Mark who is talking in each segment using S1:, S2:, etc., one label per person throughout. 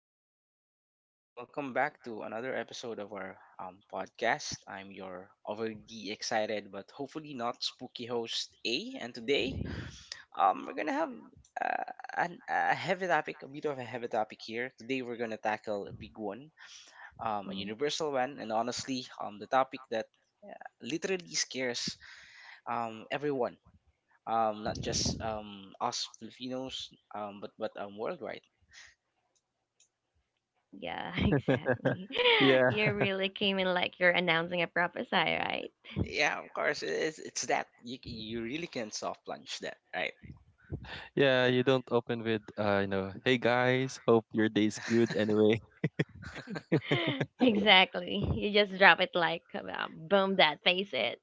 S1: evening, everyone. Welcome back to another episode of our podcast. I'm your overly excited but hopefully not spooky host A, and today we're gonna have a heavy topic, a bit of a heavy topic here. Today we're gonna tackle a big one, a
S2: Mhm.
S1: universal one, and honestly, the topic that literally scares everyone. Not just us Filipinos, but worldwide.
S2: Yeah, exactly.
S3: Yeah,
S2: You really came in like you're announcing a prophecy, right?
S1: Yeah, of course. It's that you really can soft launch that, right?
S3: yeah, you don't open with you know, hey guys, hope your day's good anyway.
S2: Exactly. You just drop it like boom that face it.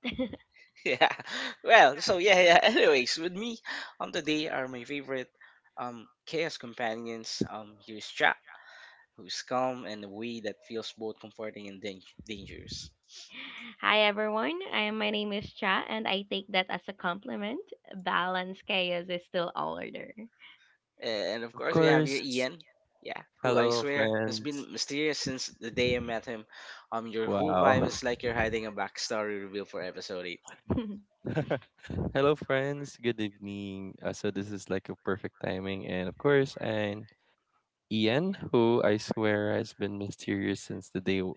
S1: Yeah. Well, so yeah, yeah. Anyways, with me on today are my favorite chaos companions. Here's Jack, who's calm and a way that feels both comforting and dangerous.
S2: Hi everyone. I my name is Cha and I take that as a compliment. Balance chaos is still order.
S1: And of
S3: Of
S1: course, we have your
S3: course.
S1: Ian. Yeah, who I
S3: Hello
S1: swear has
S3: friends.
S1: been mysterious since the day I met him. Your whole vibe
S3: Wow.
S1: is like you're hiding a backstory reveal for episode eight.
S3: Hello friends, good evening. So this is like a perfect timing. And of course, and Ian, who I swear has been mysterious since the day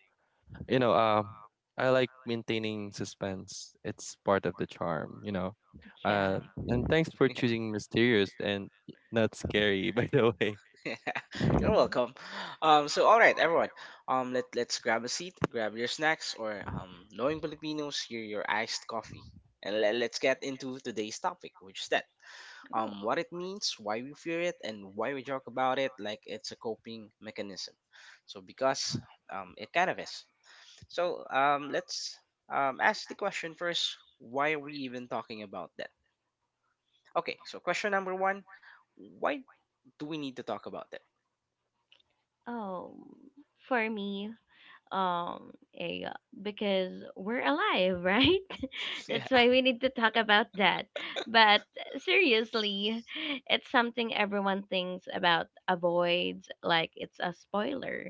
S3: you know, I like maintaining suspense. It's part of the charm, you know.
S2: yeah.
S3: Uh and thanks for choosing mysterious and not scary by the way.
S1: You're welcome. So all right, everyone. Let's grab a seat, grab your snacks, or knowing Filipinos, your iced coffee, and let's get into today's topic, which is that,
S2: Oh,
S1: what it means, why we fear it, and why we talk about it like it's a coping mechanism. So because it kind of is. So let's ask the question first. Why are we even talking about that? Okay, so question number one. Why do we need to talk about that?
S2: um, for me, um, a because we're alive, right? That's why we need to talk about that. But seriously, it's something everyone thinks about avoids, like it's a spoiler,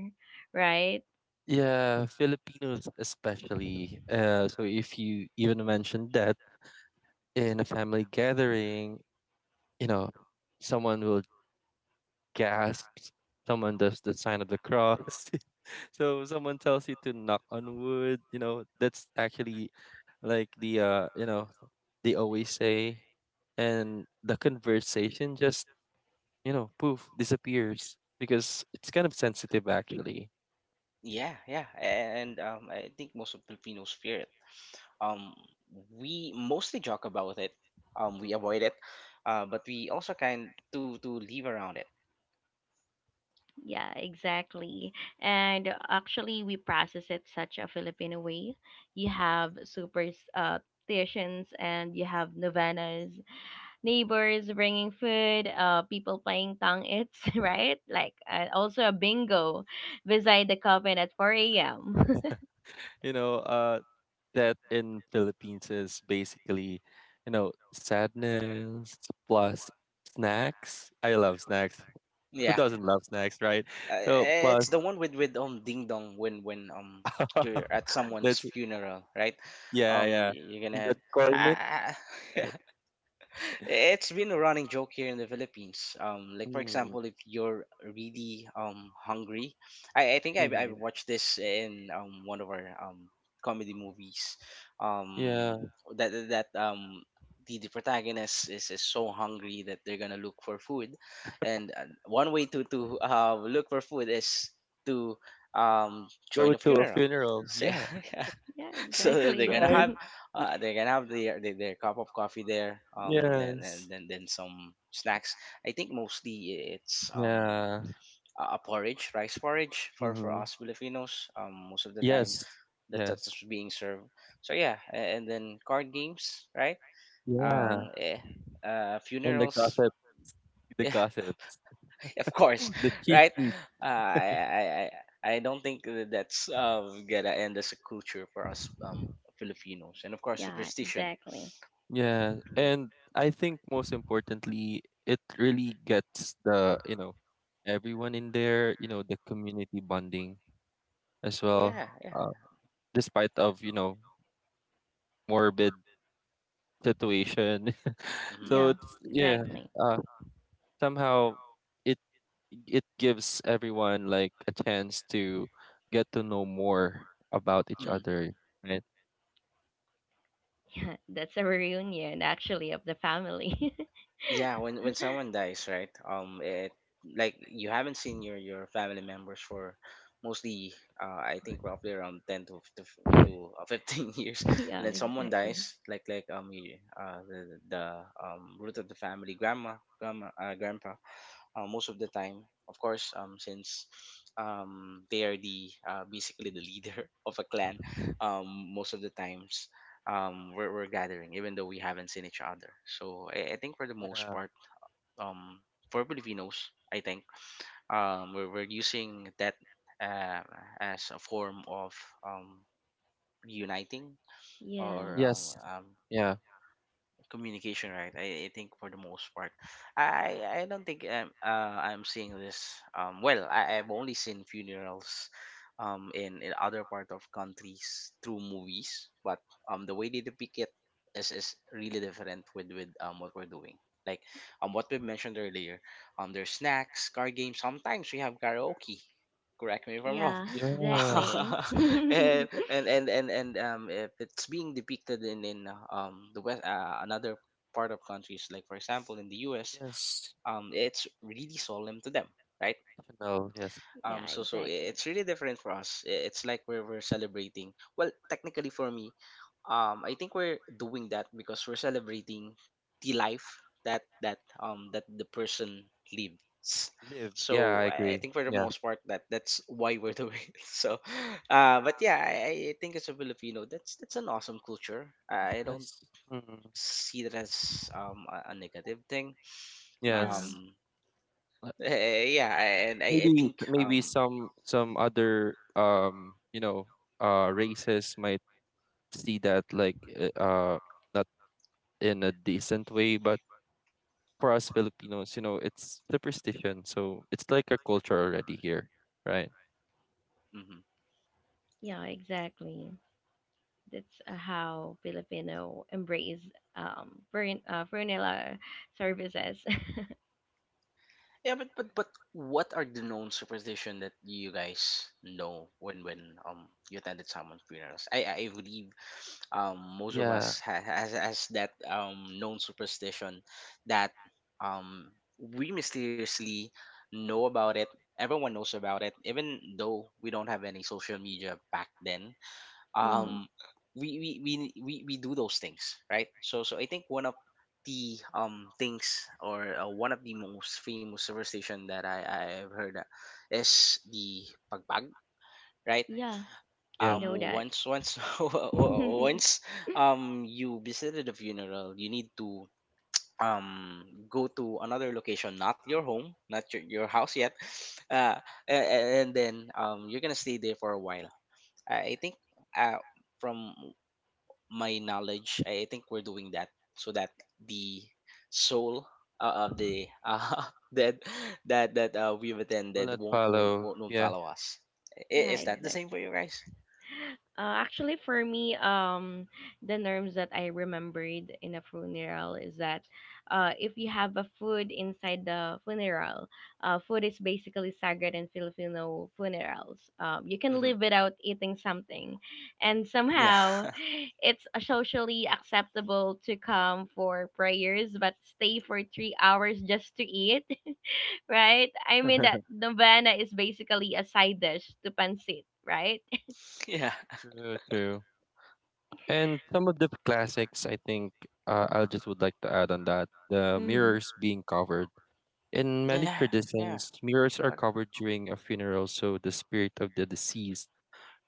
S2: right?
S3: Yeah, Filipinos especially. So if you even mention that in a family gathering, you know, someone will gasp, someone does the sign of the cross, so someone tells you to knock on wood. You know, that's actually like the they always say, and the conversation just poof disappears because it's kind of sensitive actually.
S1: Yeah, yeah, and I think most of Filipinos fear it. Um, we mostly joke about it. We avoid it, but we also kind to live around it.
S2: Yeah, exactly. And actually, we process it such a Filipino way. You have superstitions and you have novenas neighbors bringing food, people playing tang its, right? Like also a bingo beside the coffin at 4 a.m.
S3: You know, uh, that in Philippines is basically, you know, sadness plus snacks. I love snacks. Who
S1: Yeah,
S3: doesn't love snacks, right?
S1: uh,
S3: So plus
S1: it's the one with with ding dong when you're at someone's
S3: that's
S1: funeral, right?
S3: yeah, yeah.
S1: You're gonna have.
S3: That's corn mix,
S1: I, I-
S3: right?
S1: It's been a running joke here in the Philippines. Like for
S3: Mm,
S1: example, if you're really hungry, I think I
S3: mhm.
S1: watched this in one of our comedy movies.
S3: Yeah.
S1: Um, that that the protagonist is so hungry that they're gonna look for food, and one way to look for food is to
S3: Go
S1: join a
S3: to a
S1: funeral.
S3: funeral.
S1: So
S3: Yeah.
S1: yeah,
S2: yeah,
S1: so
S2: exactly.
S3: Right.
S1: they're gonna have their their cup of coffee there then
S3: Yes.
S1: and then then some snacks. I think mostly it's
S3: Yeah.
S1: a porridge, rice porridge for
S3: Hmm.
S1: us Filipinos, most of the time
S3: Yes.
S1: that's
S3: Yes.
S1: being served. So yeah, and then card games, right?
S3: Yeah.
S2: hmm
S1: um eh,
S3: And the
S1: funerals.
S3: gossip, the
S1: Yeah,
S3: gossips,
S1: of course,
S3: the cheese.
S1: right. uh, i i i I don't think that that's gonna end as a culture for us, Filipinos, and of course
S2: Yeah,
S1: superstition.
S2: exactly.
S3: Yeah,
S1: Mhm.
S3: and I think most importantly, it really gets the everyone in there, you know, the community bonding as well,
S1: Yeah, yeah.
S3: uh, despite of morbid situation.
S1: Hmm.
S3: So
S2: Yeah,
S3: it's yeah,
S2: exactly.
S3: uh, somehow it it gives everyone like a chance to get to know more about each
S1: Hmm.
S3: other, right?
S2: Yeah, that's a reunion actually of the family.
S1: Yeah, when someone dies, right? It, like you haven't seen your family members for mostly, I think roughly around ten to 15 years, and
S2: yeah,
S1: then someone
S2: exactly.
S1: dies, like the root of the family, grandma, grandpa, most of the time. Of course, since they are the basically the leader of a clan, um, most of the times we're gathering even though we haven't seen each other. So I think for the most
S3: Yeah.
S1: part, um for Filipinos, I think we're using that uh, as a form of um reuniting or
S2: Yes.
S3: Yes. Yeah.
S1: communication, right? I think for the most part I don't think I'm seeing this, well I've only seen funerals in other part of countries through movies, but the way they depict it is really different with what we're doing. Like what we've mentioned earlier, there's snacks, card games, sometimes we have karaoke. Correct me if I'm wrong.
S2: Yeah,
S3: Yeah.
S2: exactly.
S1: And If it's being depicted in the west, another part of countries like for example in the U.S.,
S3: Yes.
S1: it's really solemn to them, right?
S3: Definitely, yes.
S2: yeah,
S1: So
S2: exactly.
S1: it's really different for us. It's like we're celebrating. Well, technically for me, I think we're doing that because we're celebrating the life that that the person lives.
S3: Live. Yeah, I
S1: So I
S3: agree.
S1: think for the
S3: Yeah.
S1: most part that that's why we're doing it. So, but yeah, I think as a Filipino, that's an awesome culture. I don't
S3: Yes. Mm,
S1: see that as a negative thing.
S2: Yeah,
S3: yes.
S1: Um,
S3: Uh,
S1: yeah, and I
S3: Maybe
S1: think
S3: maybe
S1: um.
S3: some other you know races might see that like uh uh, not in a decent way, but for us Filipinos, you know, it's superstition, so it's like a culture already here, right?
S1: Mhm.
S2: yeah, exactly. That's how Filipino embrace funeral services.
S1: Yeah, but what are the known superstition that you guys know when you attended someone's funerals? I believe most of
S3: Yeah.
S1: us has that known superstition that we mysteriously know about it. Everyone knows about it, even though we don't have any social media back then.
S2: hmm
S1: um we we we we do those things, right? So so I think one of the things or one of the most famous superstition that I've heard is the pagbag, right?
S2: Yeah, I
S3: Yeah.
S2: know that.
S1: Once once you visited the funeral, you need to um go to another location, not your home, not your, your house yet. uh and then you're gonna stay there for a while. I think uh from my knowledge, I think we're doing that so that the soul of the that that we've
S3: Will
S1: attended
S3: not follow.
S1: won't
S3: Yeah.
S1: follow us. I-
S2: yeah,
S1: Is that the same for
S2: exactly.
S1: you guys?
S2: Actually, for me, the norms that I remembered in a funeral is that if you have a food inside the funeral, food is basically sacred in Filipino funerals. You can
S1: Hmm.
S2: live without eating something, and
S1: Yeah,
S2: somehow it's socially acceptable to come for prayers but stay for 3 hours just to eat, right? I mean that novena is basically a side dish to pancit, right?
S1: yeah,
S3: True, true. And some of the classics, I think, I just would like to add on that the
S2: hmm
S3: mirrors being covered. In many
S1: yeah, yeah.
S3: traditions, mirrors
S1: What?
S3: are covered during a funeral so the spirit of the deceased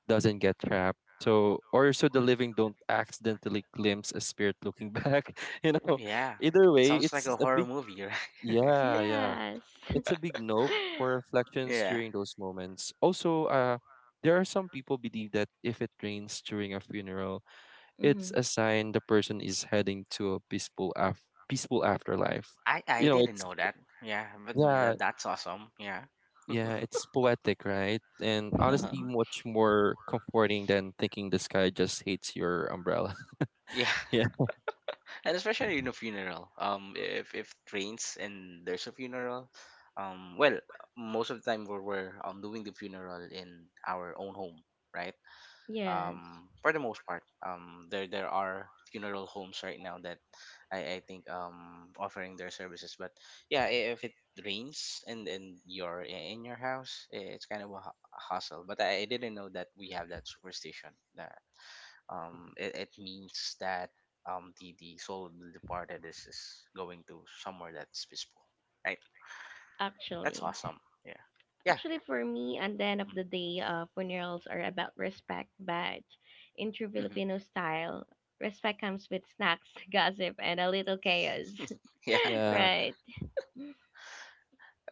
S3: doesn't get trapped. So, or so the living don't accidentally glimpse a spirit looking back. You know,
S1: Yeah,
S3: either way,
S1: sounds like a
S3: it's a
S1: horror
S3: big,
S1: movie, right?
S3: yeah, yeah.
S2: Yes.
S3: It's a big nope for reflections
S1: Yeah,
S3: during those moments. Also, there are some people believe that if it rains during a funeral,
S2: hmm
S3: it's a sign the person is heading to a peaceful afterlife.
S1: I
S3: You know,
S1: didn't
S3: it's
S1: know that. Yeah, but that,
S3: yeah,
S1: that's awesome. Yeah.
S3: yeah, it's poetic, right? And
S1: Uh-huh.
S3: honestly, much more comforting than thinking the sky just hates your umbrella.
S1: Yeah,
S3: Yeah.
S1: and especially in a funeral. If it rains and there's a funeral, well, most of the time we're doing the funeral in our own home, right?
S2: Yes,
S1: For the most part there there are funeral homes right now that I think offering their services, but yeah, if it rains and you're in your house, it's kind of a a hustle. But I didn't know that we have that superstition that it means that the soul of the departed is going to somewhere that's peaceful, right? That's
S2: actually.
S1: awesome. Yeah. Yeah.
S2: Actually, for me, at the end of the day, funerals are about respect, but in true
S1: Mm-hmm.
S2: Filipino style, respect comes with snacks, gossip, and a little chaos.
S3: Yeah,
S2: Right.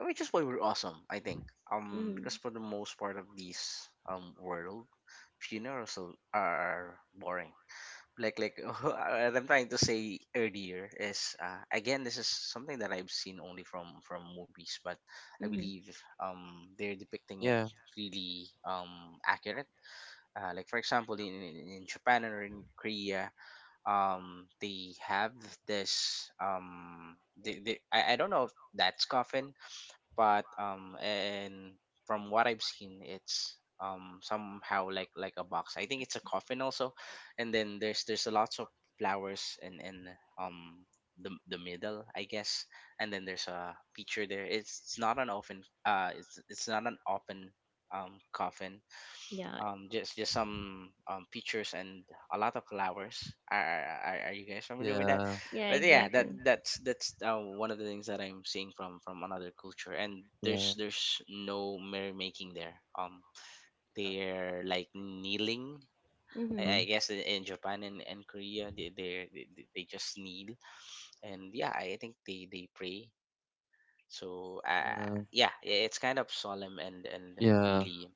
S1: Which is why we're awesome, I think. Because
S2: Mm-hmm.
S1: for the most part of this world, funerals are boring. Like what I'm trying to say earlier is again, this is something that I've seen only from movies, but I
S2: Mm-hmm.
S1: believe they're depicting it
S3: yeah,
S1: really accurate. Like for example in, in Japan or in Korea, they have this they I don't know if that's coffin, but and from what I've seen it's somehow like a box. I think it's a coffin also, and then there's lots of flowers in um the middle I guess. And then there's a picture there. It's not an open it's not an open coffin,
S2: Yeah.
S1: just some pictures and a lot of flowers. Are are you guys familiar with that?
S3: yeah,
S2: Yeah,
S1: But yeah, that
S2: exactly.
S1: that's one of the things that I'm seeing from another culture, and
S3: yeah,
S1: there's no merrymaking there.
S3: yeah,
S1: They're like kneeling.
S2: Mm-hmm.
S3: mm,
S1: I guess in Japan and Korea, they just kneel, and yeah, I think they pray. So
S3: yeah,
S1: yeah, it's kind of solemn and
S3: yeah,
S1: really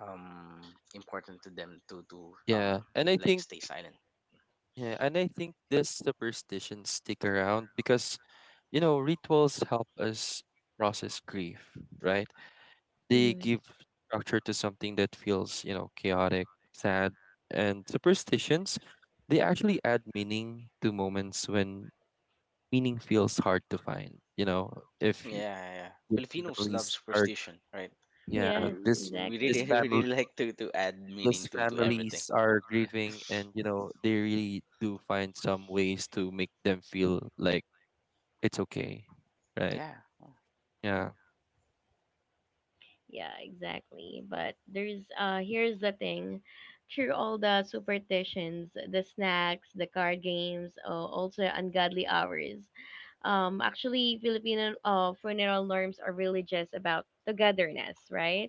S1: important to them to
S3: yeah. And I
S1: like
S3: think,
S1: stay silent.
S3: yeah, and I think this superstition stick around because, you know, rituals help us process grief, right? They
S2: Mm-hmm.
S3: give structure to something that feels, you know, chaotic, sad, and superstitions. They actually add meaning to moments when meaning feels hard to find. You know, if you,
S1: Yeah, yeah.
S3: the
S1: Filipinos love
S3: families are,
S1: superstition, right?
S3: yeah,
S2: Yes,
S3: this
S1: We really,
S3: this
S2: exactly.
S1: we
S3: family
S1: really like to add
S3: this
S1: meaning to everything.
S3: families are
S1: Yeah.
S3: grieving, and you know, they really do find some ways to make them feel like it's okay, right?
S1: Yeah.
S3: Yeah,
S2: Yeah, exactly. But there's here's the thing. Through all the superstitions, the snacks, the card games, also ungodly hours. Actually Filipino funeral norms are really just about togetherness, right?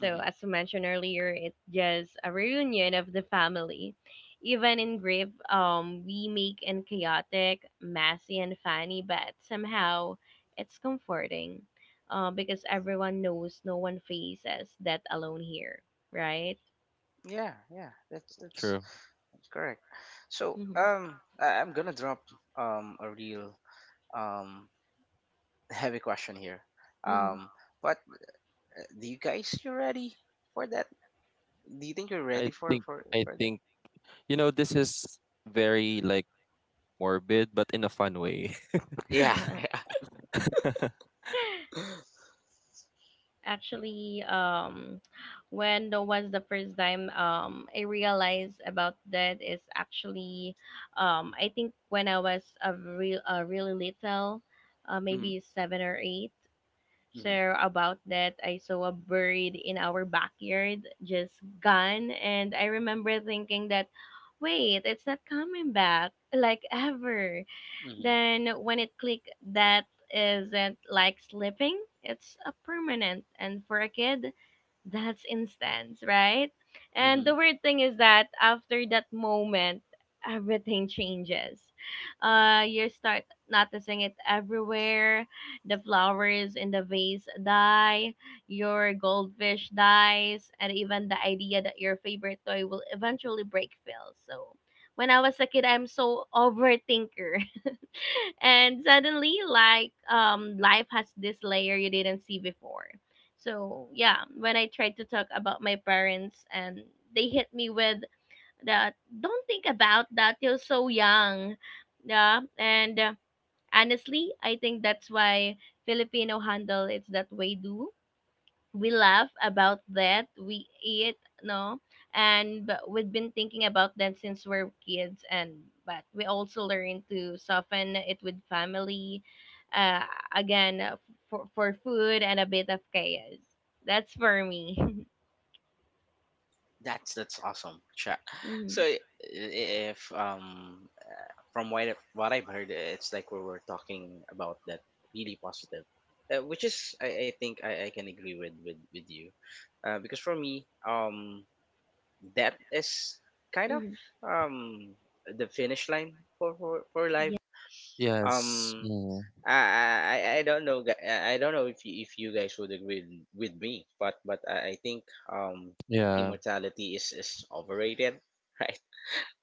S2: So
S1: Mm-hmm.
S2: as you mentioned earlier, it's just a reunion of the family. Even in grief, we make and chaotic, messy and funny, but somehow it's comforting because everyone knows no one faces that alone here, right?
S1: Yeah, yeah.
S3: true.
S1: That's correct. So,
S2: Mm-hmm.
S1: I'm gonna drop a real um heavy question here. Um, but Do you guys you ready for that? Do you think you're
S3: I
S1: ready for
S3: think I
S1: that?
S3: think you know this is very like morbid, but in a fun way.
S1: Yeah.
S2: Mm-hmm.
S1: Yeah.
S2: Actually, when that was the first time I realized about that is actually, I think when I was a real, really little,
S1: Mm-hmm,
S2: maybe 7 or 8.
S1: mm-hmm,
S2: So about that, I saw a bird in our backyard just gone, and I remember thinking that, wait, it's not coming back like ever
S1: mm-hmm,
S2: then when it click, that isn't like slipping, it's a permanent, and for a kid that's instant, right? And
S1: mm-hmm.
S2: the weird thing is that after that moment everything changes. You start noticing it everywhere, the flowers in the vase die, your goldfish dies, and even the idea that your favorite toy will eventually break fails. So when I was a kid, I'm so overthinker. And suddenly like life has this layer you didn't see before. So yeah, when I tried to talk about my parents and they hit me with that, don't think about that, you're so young. Yeah, and honestly I think that's why Filipino handle it's that way. Do we laugh about that? We eat, no, and but we've been thinking about that since we're kids. And but we also learn to soften it with family, uh, again for food and a bit of chaos. That's for me.
S1: That's awesome, chat.
S2: mm-hmm.
S1: So I- if From what I've heard, it's like we were talking about that really positive, which is I think I can agree with you, because for me that is kind of
S2: hmm
S1: um the finish line for for life.
S2: yeah
S3: Yes.
S1: um
S3: Mm.
S1: I I don't know gu- I don't know if if you guys would agree with me, but I think um
S3: Yeah.
S1: immortality is overrated, right?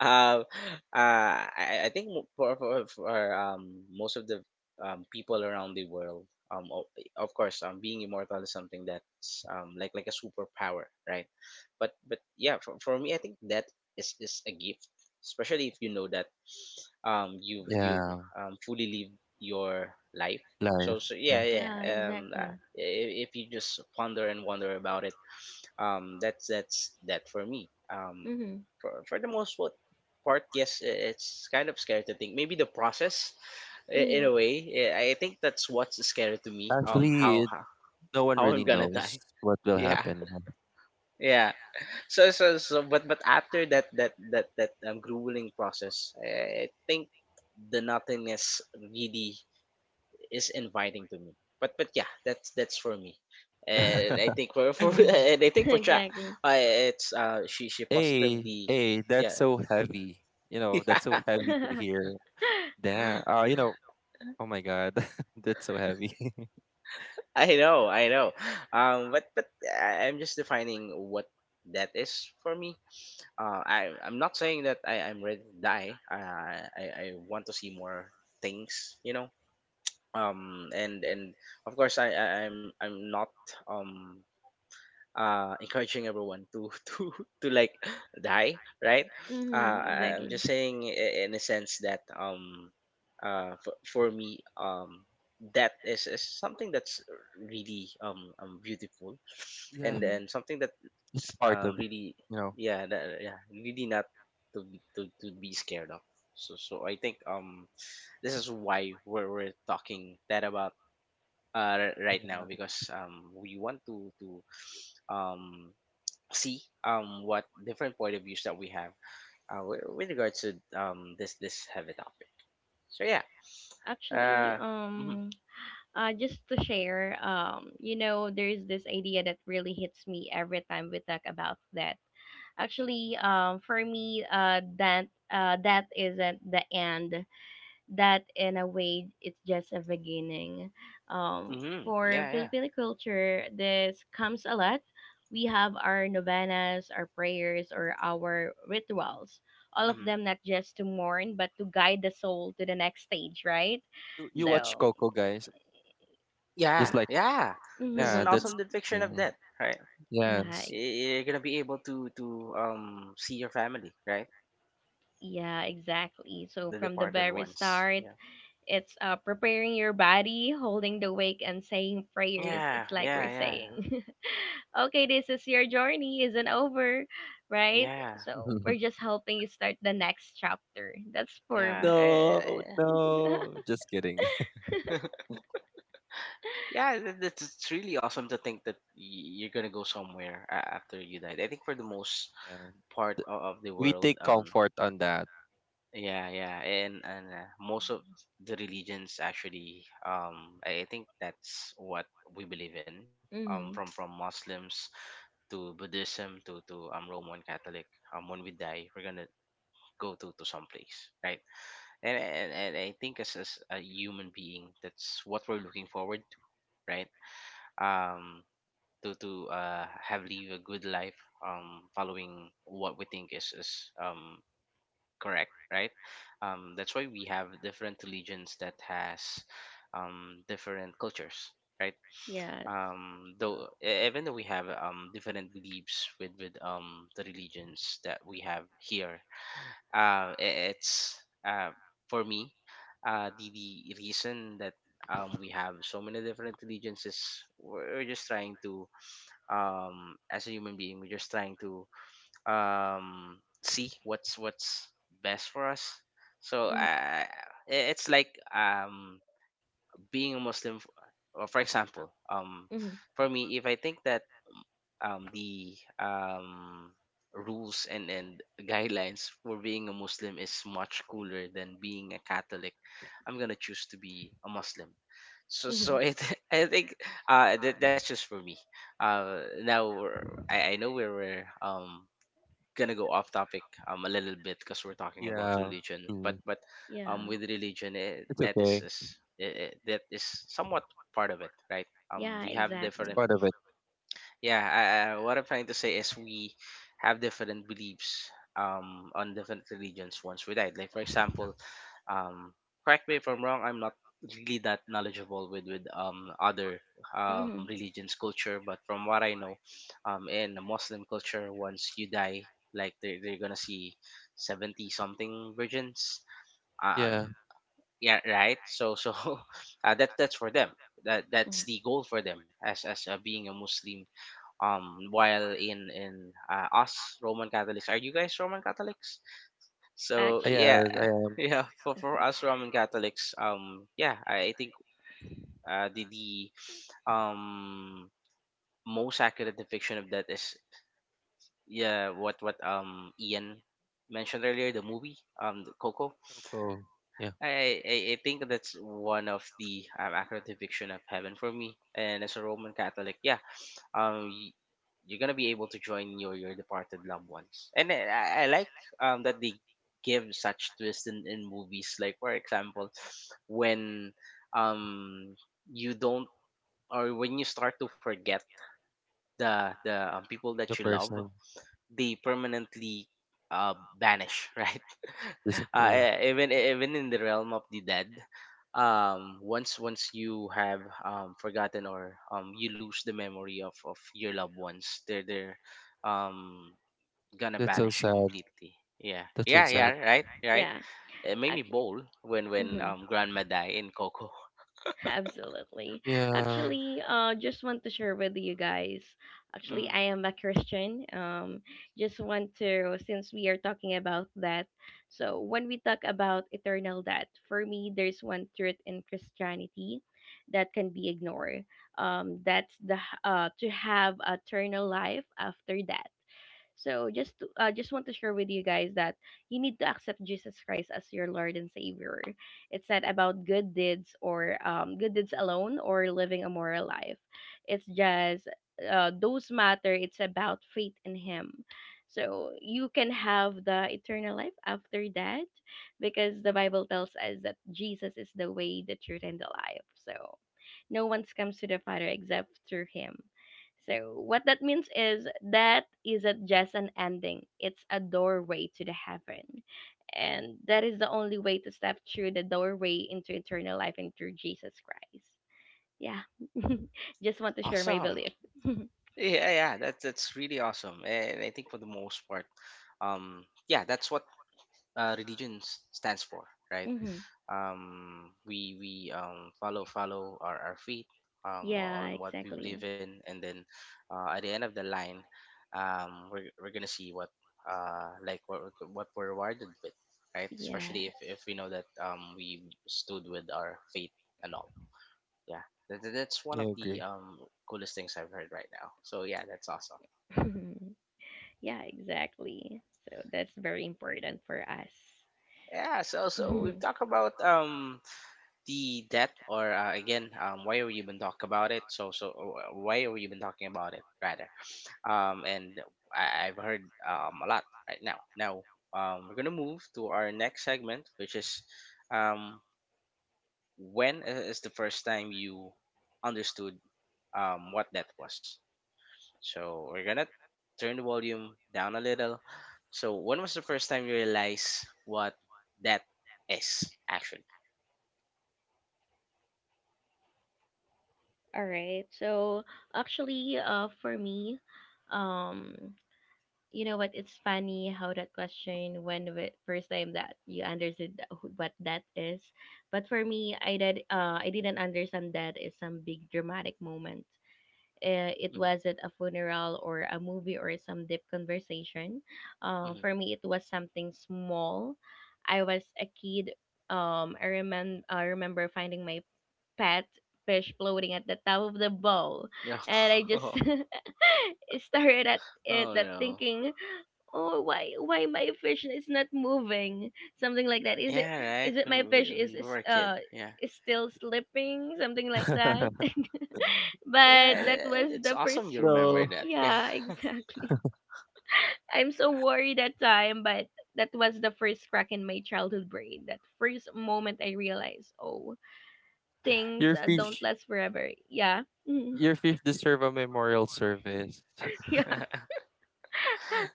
S1: um, I think for, for most of the people around the world, um, o- of course, being immortal is something that's like a superpower, right? But yeah, for me, I think that is a gift, especially if you know that you've
S3: Yeah.
S1: fully lived your life. So
S3: Life.
S1: so
S3: Yeah.
S1: yeah, yeah,
S2: yeah exactly.
S1: if you just ponder and wonder about it, that's that for me.
S2: mm-hmm.
S1: For the most part, yes, it's kind of scary to think maybe the process, in
S2: Mm-hmm.
S1: a way. I think that's what's scary to me.
S3: Actually,
S1: How how,
S3: no one
S1: how
S3: really
S1: I'm gonna
S3: knows
S1: die.
S3: what will
S1: Yeah,
S3: happen.
S1: yeah. So but after that grueling process, I think the nothingness really is inviting to me. But yeah, that's for me. And I think for and I think for Cha,
S2: exactly.
S1: uh, it's she
S3: Hey,
S1: positively,
S3: hey, that's
S1: yeah.
S3: so heavy. You know, that's so
S1: Yeah,
S3: heavy to
S2: mm-hmm.
S3: hear. Damn. You know, oh my God, that's so heavy.
S1: I know, I know. But I'm just defining what that is for me. I'm not saying that I'm ready to die. I want to see more things, you know. And of course I'm not um encouraging everyone to to to like die, right? I'm
S2: exactly.
S1: just saying, in a sense that for me, that is something that's really beautiful,
S3: Yeah.
S1: and
S2: mm-hmm.
S1: then something that
S3: It's part of,
S1: really
S3: you know,
S1: yeah, really not to be to be scared of. So I think this is why we're talking that about right now,
S3: yeah.
S1: because we want to um see what different point of views that we have, with regards to this heavy topic. So yeah,
S2: Actually,
S1: uh, mm-hmm,
S2: just to share, you know, there's this idea that really hits me every time we talk about that. Actually, for me, that isn't the end. That, in a way, it's just a beginning. Um,
S1: mm-hmm,
S2: for
S1: yeah, yeah,
S2: Filipino culture, this comes a lot. We have our novenas, our prayers, or our rituals. All of
S1: mm-hmm,
S2: them not just to mourn, but to guide the soul to the next stage, right?
S3: You
S1: mm-hmm.
S3: watch
S2: So,
S3: Coco, guys.
S1: Yeah,
S3: Just like,
S1: yeah.
S2: um,
S1: This is
S3: yeah,
S1: an
S2: mhm.
S3: that's,
S1: awesome depiction of
S3: mm,
S1: death, right?
S2: Yeah,
S3: yes.
S2: e-
S1: You're gonna be able to see your family, right?
S2: yeah, exactly. So
S1: The
S2: from the
S1: departed
S2: very
S1: ones.
S2: start,
S1: Yeah,
S2: it's preparing your body, holding the wake, and saying prayers.
S1: yeah,
S2: It's like we're
S1: yeah, yeah,
S2: saying, okay, this is your journey, isn't over, right?
S1: yeah,
S2: So we're just helping you start the next chapter. That's for
S1: yeah.
S2: me.
S3: No,
S1: Eh,
S3: no, just kidding.
S1: yeah, it's really awesome to think that you're gonna go somewhere after you died. I think for the most
S3: Uh,
S1: part
S3: th-
S1: of the
S3: we
S1: world.
S3: take comfort on that.
S1: Yeah, yeah, and most of the religions actually, I think that's what we believe in.
S2: Mm-hmm.
S1: From Muslims to Buddhism to Roman Catholic. When we die, we're gonna go to some place, right? And I think as a human being, that's what we're looking forward to, right? Um, to have live a good life, following what we think is correct, right? That's why we have different religions that has different cultures, right?
S2: Yes.
S3: Uh,
S1: Though, even though we have different beliefs with the religions that we have here, it's for me, the reason that we have so many different religions is we're just trying to, as a human being, we're just trying to see what's best for us. so uh,
S2: Mm-hmm.
S1: i- it's like, being a Muslim, for example,
S2: Mm-hmm.
S1: for me, if I think that the um rules and guidelines for being a Muslim is much cooler than being a Catholic, I'm going to choose to be a Muslim.
S2: Mm-hmm.
S1: It, I think, that's just for me. Now I know we were gonna go off topic a little bit because we're talking about
S3: yeah,
S1: religion, but
S3: mm,
S1: but
S2: Yeah.
S1: with religion, eh,
S3: it's
S1: that
S3: okay.
S1: is, that is somewhat part of it, right?
S2: Yeah,
S1: We have
S3: It's
S1: different,
S2: exactly.
S3: part of it.
S1: yeah. What I'm trying to say is we have different beliefs on different religions once we died, like for example, um correct me if I'm wrong, I'm not really that knowledgeable with other
S2: Mm-hmm.
S1: religions culture, but from what I know, in the Muslim culture, once you die, like they're gonna see 70 something virgins. um
S3: Yeah,
S1: yeah, right? So that that's for them. That that's
S2: Mhm.
S1: the goal for them as being a Muslim. While in us Roman Catholics, are you guys Roman Catholics? So
S2: Actu
S3: yeah,
S1: yeah.
S3: I am.
S1: Yeah, for us Roman Catholics, yeah, I think the, um most accurate depiction of that is, yeah, what Ian mentioned earlier, the movie, the Coco.
S3: Coco. Yeah,
S1: I think that's one of the accurate depiction of heaven for me and as a Roman Catholic. Yeah, um y- you're gonna be able to join your departed loved ones, and I like that they give such twists in movies, like for example, when um you don't, or when you start to forget the people that
S3: the
S1: you love,
S3: person
S1: they permanently vanish, right?
S3: disappeared.
S1: Even in the realm of the dead, once you have forgotten, or you lose the memory of your loved ones, they're um, gonna
S3: That's so
S1: vanish
S3: sad.
S1: completely. Yeah,
S3: That's so
S1: yeah, yeah,
S3: sad.
S1: right, right.
S2: yeah,
S1: It made me
S2: actually.
S1: bold when
S2: Hmm
S1: Grandma died in Coco.
S2: Absolutely.
S3: Yeah,
S2: Actually, just want to share with you guys. Actually,
S1: Mm,
S2: I am a Christian. Just want to, since we are talking about that. So, when we talk about eternal death, for me, there's one truth in Christianity that can be ignored. To have eternal life after death. So just want to share with you guys that you need to accept Jesus Christ as your Lord and Savior. It's not about good deeds or good deeds alone or living a moral life. It's just those matter. It's about faith in Him. So you can have the eternal life after that, because the Bible tells us that Jesus is the way, the truth, and the life. So no one comes to the Father except through Him. So, what that means is that isn't just an ending, it's a doorway to the heaven. And that is the only way to step through the doorway into eternal life and through Jesus Christ. Yeah, just want to share my
S1: awesome.
S2: belief.
S1: Yeah, yeah, that's really awesome, and I think for the most part, um, yeah, that's what, religion stands for, right?
S2: Hmm
S1: We follow our faith
S2: Yeah,
S1: on what we believe
S2: exactly.
S1: in, and then, at the end of the line, we're gonna see what, like what we're rewarded with, right? Especially if
S2: Yes.
S1: we know that we stood with our faith and all. Yeah, that's one
S3: I
S1: of the
S3: agree.
S1: coolest things I've heard right now. So yeah, that's awesome.
S2: yeah, exactly. So, that's very important for us.
S1: Yeah, so we've talked about the debt, or again why are we even talk about it, why are we even talking about it rather. And I've heard a lot right now we're gonna move to our next segment, which is, um when is the first time you understood what that was. So we're gonna turn the volume down a little. So when was the first time you realized what that is actually?
S2: All right. So, actually, for me, um, you know what? It's funny how that question when the first time that you understood that- what that is, but for me, I did. I didn't understand that is some big dramatic moment. It wasn't a funeral or a movie or some deep conversation.
S1: Mm-hmm.
S2: For me, it was something small. I was a kid. I remember finding my pet fish floating at the top of the bowl,
S1: Yeah.
S2: and I just stared at it,
S1: Oh
S2: that
S1: no.
S2: thinking, oh, why my fish is not moving, something like that. is it
S1: Yeah, right.
S2: is it my
S1: When
S2: fish
S1: we were a kid. Yeah.
S2: is still slipping, something like that. But
S1: Yeah,
S2: that was
S1: it's
S2: the
S1: awesome
S2: first.
S1: you remember
S3: No,
S1: that. Yeah.
S2: Yeah exactly I'm so worried that time, but that was the first crack in my childhood brain, that first moment I realized, oh, things
S3: your
S2: don't
S3: fish,
S2: last forever. Yeah. Mhm.
S3: your fish deserve a memorial service.
S2: Yeah,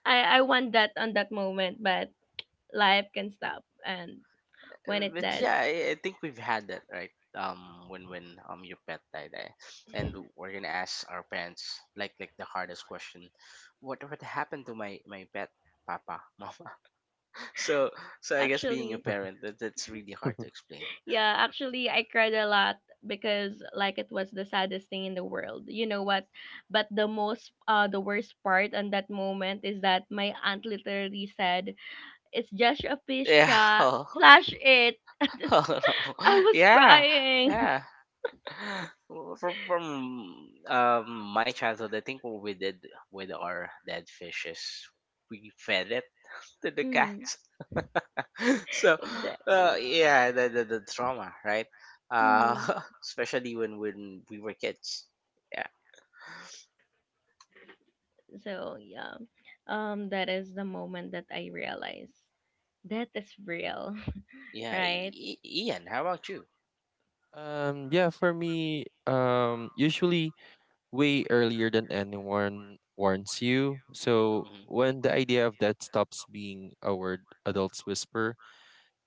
S2: I want that on that moment, but life can stop and when it
S1: But
S2: does.
S1: yeah, I think we've had that, right? When your pet died, eh? And we're gonna ask our parents, like the hardest question, what happened to my pet, Papa, Mama? So, so I guess being a
S2: Actually,
S1: parent, that that's really hard to explain.
S2: yeah, actually, I cried a lot because like it was the saddest thing in the world. You know what? But the most, the worst part on that moment is that my aunt literally said, "It's just a fish,
S1: Yeah.
S2: cha. Flash it."
S1: Oh, no.
S2: I was
S1: Yeah.
S2: crying.
S1: Yeah. Well, from my childhood, I think what we did with our dead fish is we fed it to the
S2: Mhm.
S1: cats. So,
S2: Exactly.
S1: yeah, the trauma, right? Uh,
S2: hmm
S1: especially when we were kids. Yeah,
S2: So yeah, that is the moment that I realized that is real,
S1: yeah.
S2: right?
S1: Ian, how about you?
S3: Yeah, for me, usually way earlier than anyone warns you. So
S1: Mm-hmm,
S3: when the idea of that stops being a word adults whisper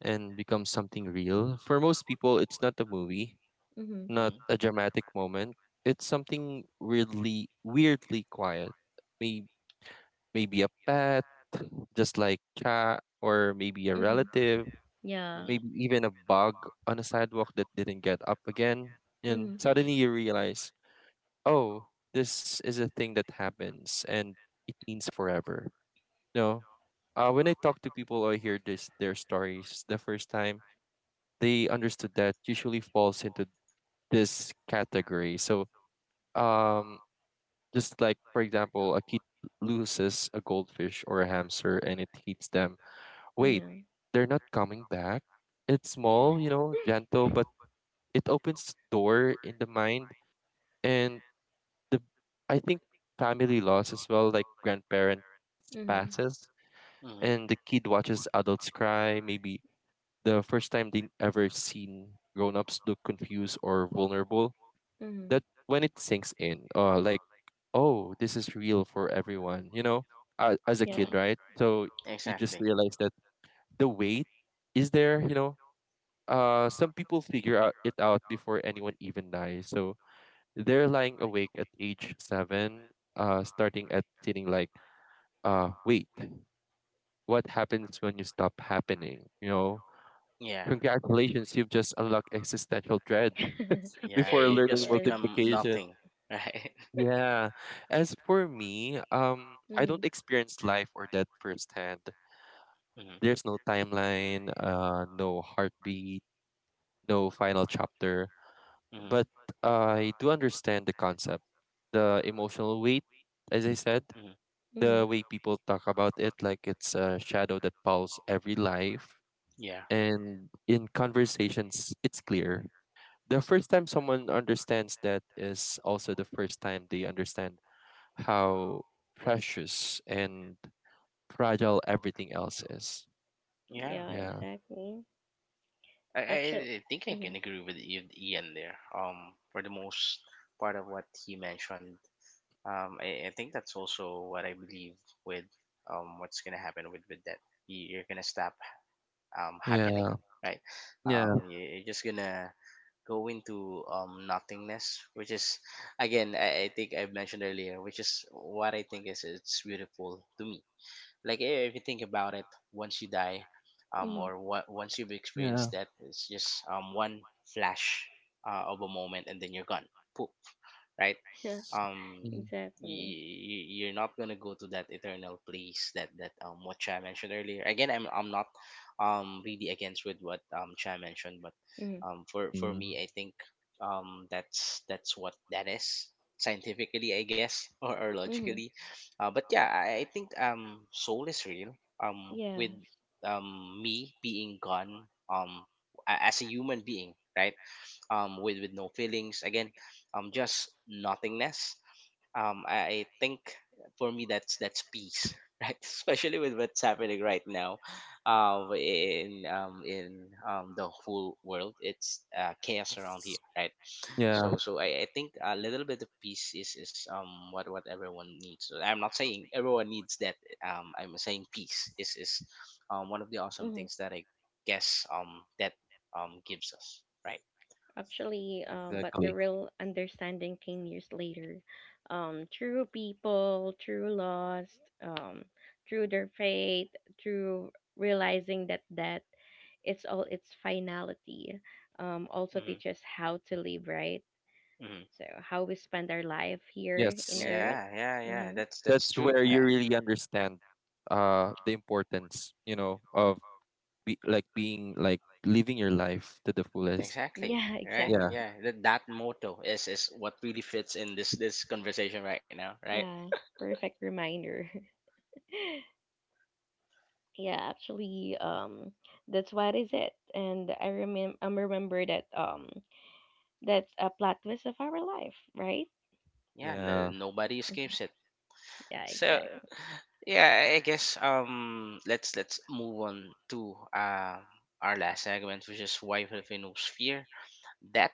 S3: and becomes something real, for most people it's not a movie,
S2: Mm-hmm.
S3: not
S1: mm-hmm,
S3: a dramatic moment. It's something weirdly quiet. Maybe maybe a pet, just like cat, or maybe a
S2: Mm-hmm.
S3: relative,
S2: Yeah.
S3: maybe even a bug on a sidewalk that didn't get up again. And
S2: Mm-hmm.
S1: mm-hmm,
S3: suddenly you realize oh, this is a thing that happens and it means forever. No. When I talk to people or hear this their stories the first time, they understood that usually falls into this category. So um just like for example, a kid loses a goldfish or a hamster and it hits them. Wait,
S2: Yeah.
S3: they're not coming back. It's
S1: mm-hmm, mm-hmm,
S3: small, you know, gentle, but it opens door in the mind, and the I think family loss as well, like grandparents
S2: Mm-hmm.
S3: passes
S1: mm-hmm,
S3: and the kid watches adults cry. Maybe the first time they ever seen grown ups look confused or vulnerable.
S2: Mm-hmm.
S3: That when it sinks in, like oh, this is real for everyone. You know, as a
S2: Yeah.
S3: kid,
S1: mm-hmm.
S3: right? So you just
S1: Exactly.
S3: realize that the weight is there. You know, some people figure out it out before anyone even dies. So they're lying awake at age 7, starting at feeling like, wait, what happens when you stop happening? You know,
S1: Yeah,
S3: congratulations, you've just unlocked existential dread
S1: yeah.
S3: before
S1: You
S3: learning
S1: just
S2: yes.
S1: become
S3: multiplication.
S1: nothing, right?
S3: Yeah. As for me, I
S2: Mm-hmm.
S3: don't experience life or death firsthand.
S1: Mm-hmm,
S3: There's no timeline, no heartbeat, no final chapter.
S1: mm-hmm,
S3: But I do understand the concept, the emotional weight, as I said,
S1: mm-hmm.
S3: the
S2: Mm-hmm.
S3: way people talk about it, like it's a shadow that follows every life.
S1: Yeah.
S3: And in conversations, it's clear. The first time someone understands that is also the first time they understand how precious and fragile everything else is.
S1: Yeah.
S2: Yeah.
S3: Yeah.
S2: Exactly.
S1: I, I
S2: Actually.
S1: I think I
S2: Mm-hmm.
S1: can agree with Ian there. For the most part of what he mentioned, I think that's also what I believe with what's gonna happen with that. You're gonna stop happening,
S3: Yeah.
S1: right?
S3: Yeah.
S1: You're just gonna go into nothingness, which is, again, I think I mentioned earlier, which is what I think is, it's beautiful to me, like, eh, if you think about it, once you die
S2: Mm-hmm.
S1: or what once you've
S3: Yeah.
S1: experienced that, it's just one flash, of a moment, and then you're gone, poop, right?
S2: Yeah.
S3: S-
S1: um
S3: mm,
S2: Exactly.
S1: you're not gonna go to that eternal place that what Chai mentioned earlier. Again, I'm not really against with what Chai mentioned, but
S2: Mm-hmm.
S1: for
S3: mm.
S1: me, I think that's what that is scientifically, I guess, or
S2: Mm-hmm.
S1: logically. But yeah, I think soul is real. With
S2: Yes.
S1: me being gone, um, as a human being, right? Um, with no feelings. Again, just nothingness. I think for me that's peace, right? Especially with what's happening right now, in the whole world, it's, chaos around
S3: S-
S1: here, right?
S3: Yeah.
S1: So, so I think a little bit of peace is what everyone needs. So I'm not saying everyone needs that. I'm saying peace is one of the awesome
S2: hmm
S1: things that I guess that gives us, right?
S2: Actually,
S3: Yeah,
S2: but the
S3: exactly.
S2: real understanding came years later. Through people, through lost, through their faith, through realizing that it's all its finality. Also
S1: Mm-hmm.
S2: teaches how to live, right?
S1: Hmm.
S2: So how we spend our life here in
S3: Yes.
S2: Earth.
S1: Yeah, yeah, yeah.
S2: Mm-hmm.
S1: That's
S3: That's
S1: true.
S3: where you really understand the importance, you know, of like being like living your life to the fullest.
S1: Exactly.
S2: Yeah,
S1: Right.
S2: exactly.
S3: Yeah.
S1: Yeah. That motto is what really fits in this conversation right now. Right.
S2: Yeah, perfect reminder. Yeah, actually, that's what is it, and I remember that that's a plot twist of our life, right?
S1: Yeah. No,
S3: Yeah.
S1: nobody
S2: Mhm.
S1: escapes it.
S2: Yeah,
S1: So
S2: exactly.
S1: yeah, I guess um let's move on to our last segment, which is why Filipinos fear that,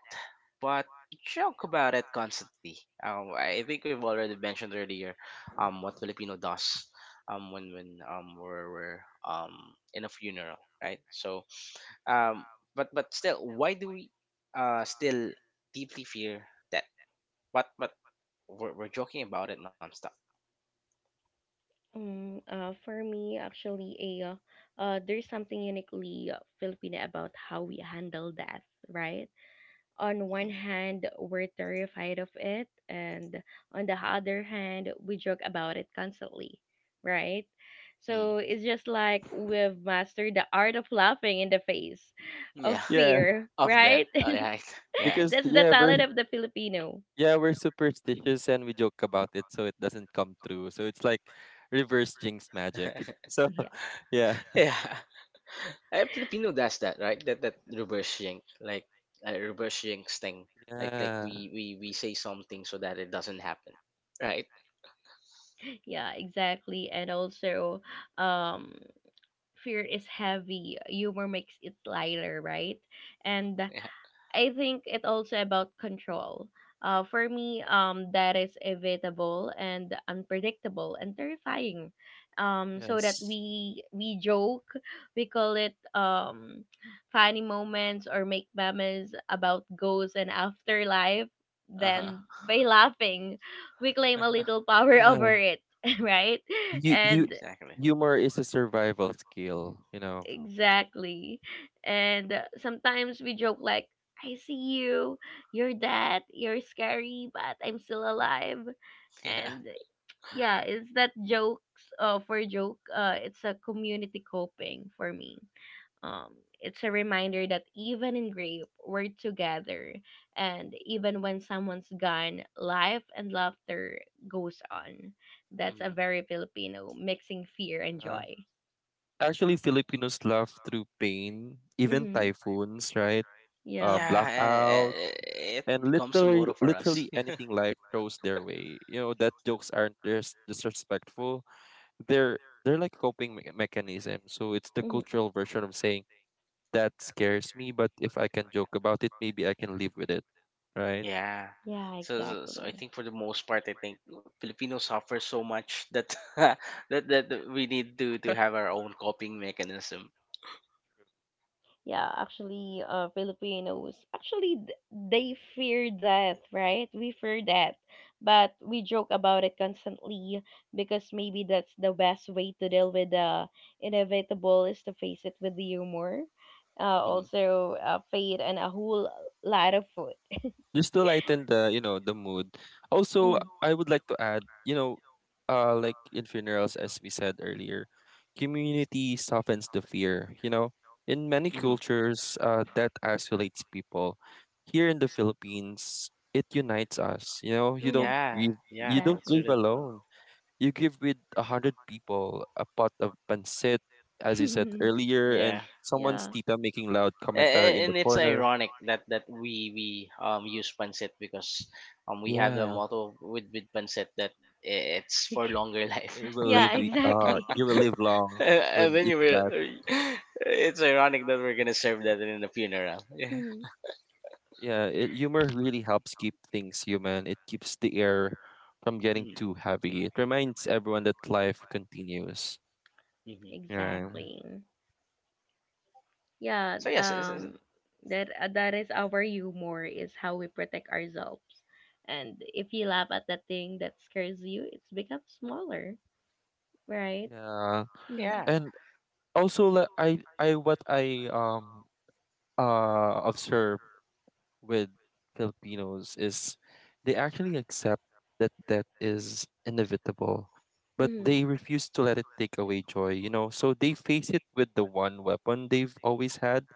S1: but joke about it constantly. I think we've already mentioned earlier, what Filipino does, when we're um in a funeral, right? Um, but still, why do we still deeply fear that? But but we're joking about it nonstop.
S2: For me, actually, a There's something uniquely Filipino about how we handle death, right? On one
S1: Mm-hmm.
S2: hand, we're terrified of it, and on the other hand, we joke about it constantly, right?
S1: hmm
S2: So it's just like we've mastered the art of laughing in the face of
S1: Yeah,
S3: Yeah,
S2: fear,
S1: Of that.
S2: right?
S1: All right. Yeah.
S3: because
S2: That's the talent of the Filipino.
S3: yeah, we're superstitious and we joke about it so it doesn't come true. So it's like reverse jinx magic. So
S2: Yeah,
S3: yeah.
S1: Yeah. Eh, Filipino does that, right? That reverse shink, like reverse shinks thing. Like like
S3: Yeah.
S1: we we we say something so that it doesn't happen, right?
S2: yeah, exactly. And also, um, fear is heavy. Humor makes it lighter, right? And
S1: Yeah.
S2: I think it also about control. For me, that is evitable and unpredictable and terrifying. So that
S3: Yes.
S2: we joke, we call it funny moments or make memes about ghosts and afterlife.
S1: Uh huh.
S2: Then by laughing, we claim a little power
S3: Yeah.
S2: over it, right?
S3: You
S2: And
S1: Exactly.
S3: humor is a survival skill, you know.
S2: Exactly. And sometimes we joke like, I see you, you're dead, you're scary, but I'm still alive.
S1: Yeah.
S2: And yeah, it's that jokes for joke. It's a community coping for me. Um, it's a reminder that even in grief, we're together. And even when someone's gone, life and laughter goes on. That's
S1: hmm
S2: a very Filipino, mixing fear and
S3: Uh,
S2: joy.
S3: actually Filipinos laugh through pain, even
S2: Mm-hmm.
S3: typhoons, right?
S2: Yeah.
S1: Yeah. Uh, uh,
S3: Blackout
S1: it
S3: and
S1: becomes a
S3: literally
S1: motto for us.
S3: literally anything life throws their way. You know that jokes aren't disrespectful. They're they're like mechanism. So it's the
S2: Mhm.
S3: cultural version of saying that scares me, but if I can joke about it, maybe I can live with it, right?
S1: Yeah.
S2: Yeah,
S1: So I
S2: exactly.
S1: think for the most part, I think Filipinos suffer so much that that that we need to have our own coping mechanism.
S2: Yeah, actually, Filipinos actually they fear death, right? We fear death, but we joke about it constantly because maybe that's the best way to deal with the inevitable is to face it with humor,
S1: Mm-hmm.
S2: also fate and a whole lot of food.
S3: Just to lighten the you know the mood. Also,
S2: Mm-hmm.
S3: I would like to add you know like in funerals as we said earlier, community softens the fear, you know, in many
S1: Mm-hmm.
S3: cultures that isolates people. Here in the Philippines, it unites us. You know,
S1: Yeah.
S3: you
S1: Yeah,
S3: don't
S1: that's
S3: grieve
S2: Exactly.
S1: really different.
S3: alone. You grieve with 100 people, a pot of pancit, as you said earlier, and
S1: Yeah,
S3: someone's
S2: yeah.
S3: tita making loud
S1: A-
S3: commentary
S1: a-
S3: in the
S1: and it's
S3: corner.
S1: ironic that we use pancit because we have the
S3: Yeah,
S1: motto with pancit that it's for
S2: Bec-
S1: longer life.
S3: it will live
S2: yeah, exactly.
S3: you will live long when
S1: And
S3: you
S1: then
S3: eat
S1: you will,
S3: that.
S1: it's ironic that we're gonna serve that in the funeral. Yeah.
S2: Mhm.
S3: Yeah, humor really helps keep things human. It keeps the air from getting
S1: Mm-hmm.
S3: too heavy. It reminds everyone that life continues.
S1: Mm-hmm.
S3: Yeah.
S2: Exactly. Yeah,
S1: So
S2: th-
S1: yes, it's,
S2: um
S1: it's-
S2: that that is our humor is how we protect ourselves. And if you laugh at the thing that scares you, it's become smaller, right?
S3: Yeah.
S2: Mm-hmm.
S1: Yeah,
S3: And also like I what I observe with Filipinos is they actually accept that death is inevitable, but
S1: mm-hmm.
S2: Mm-hmm.
S3: they refuse to let it take away joy, you know? So they face it with the one weapon they've always had,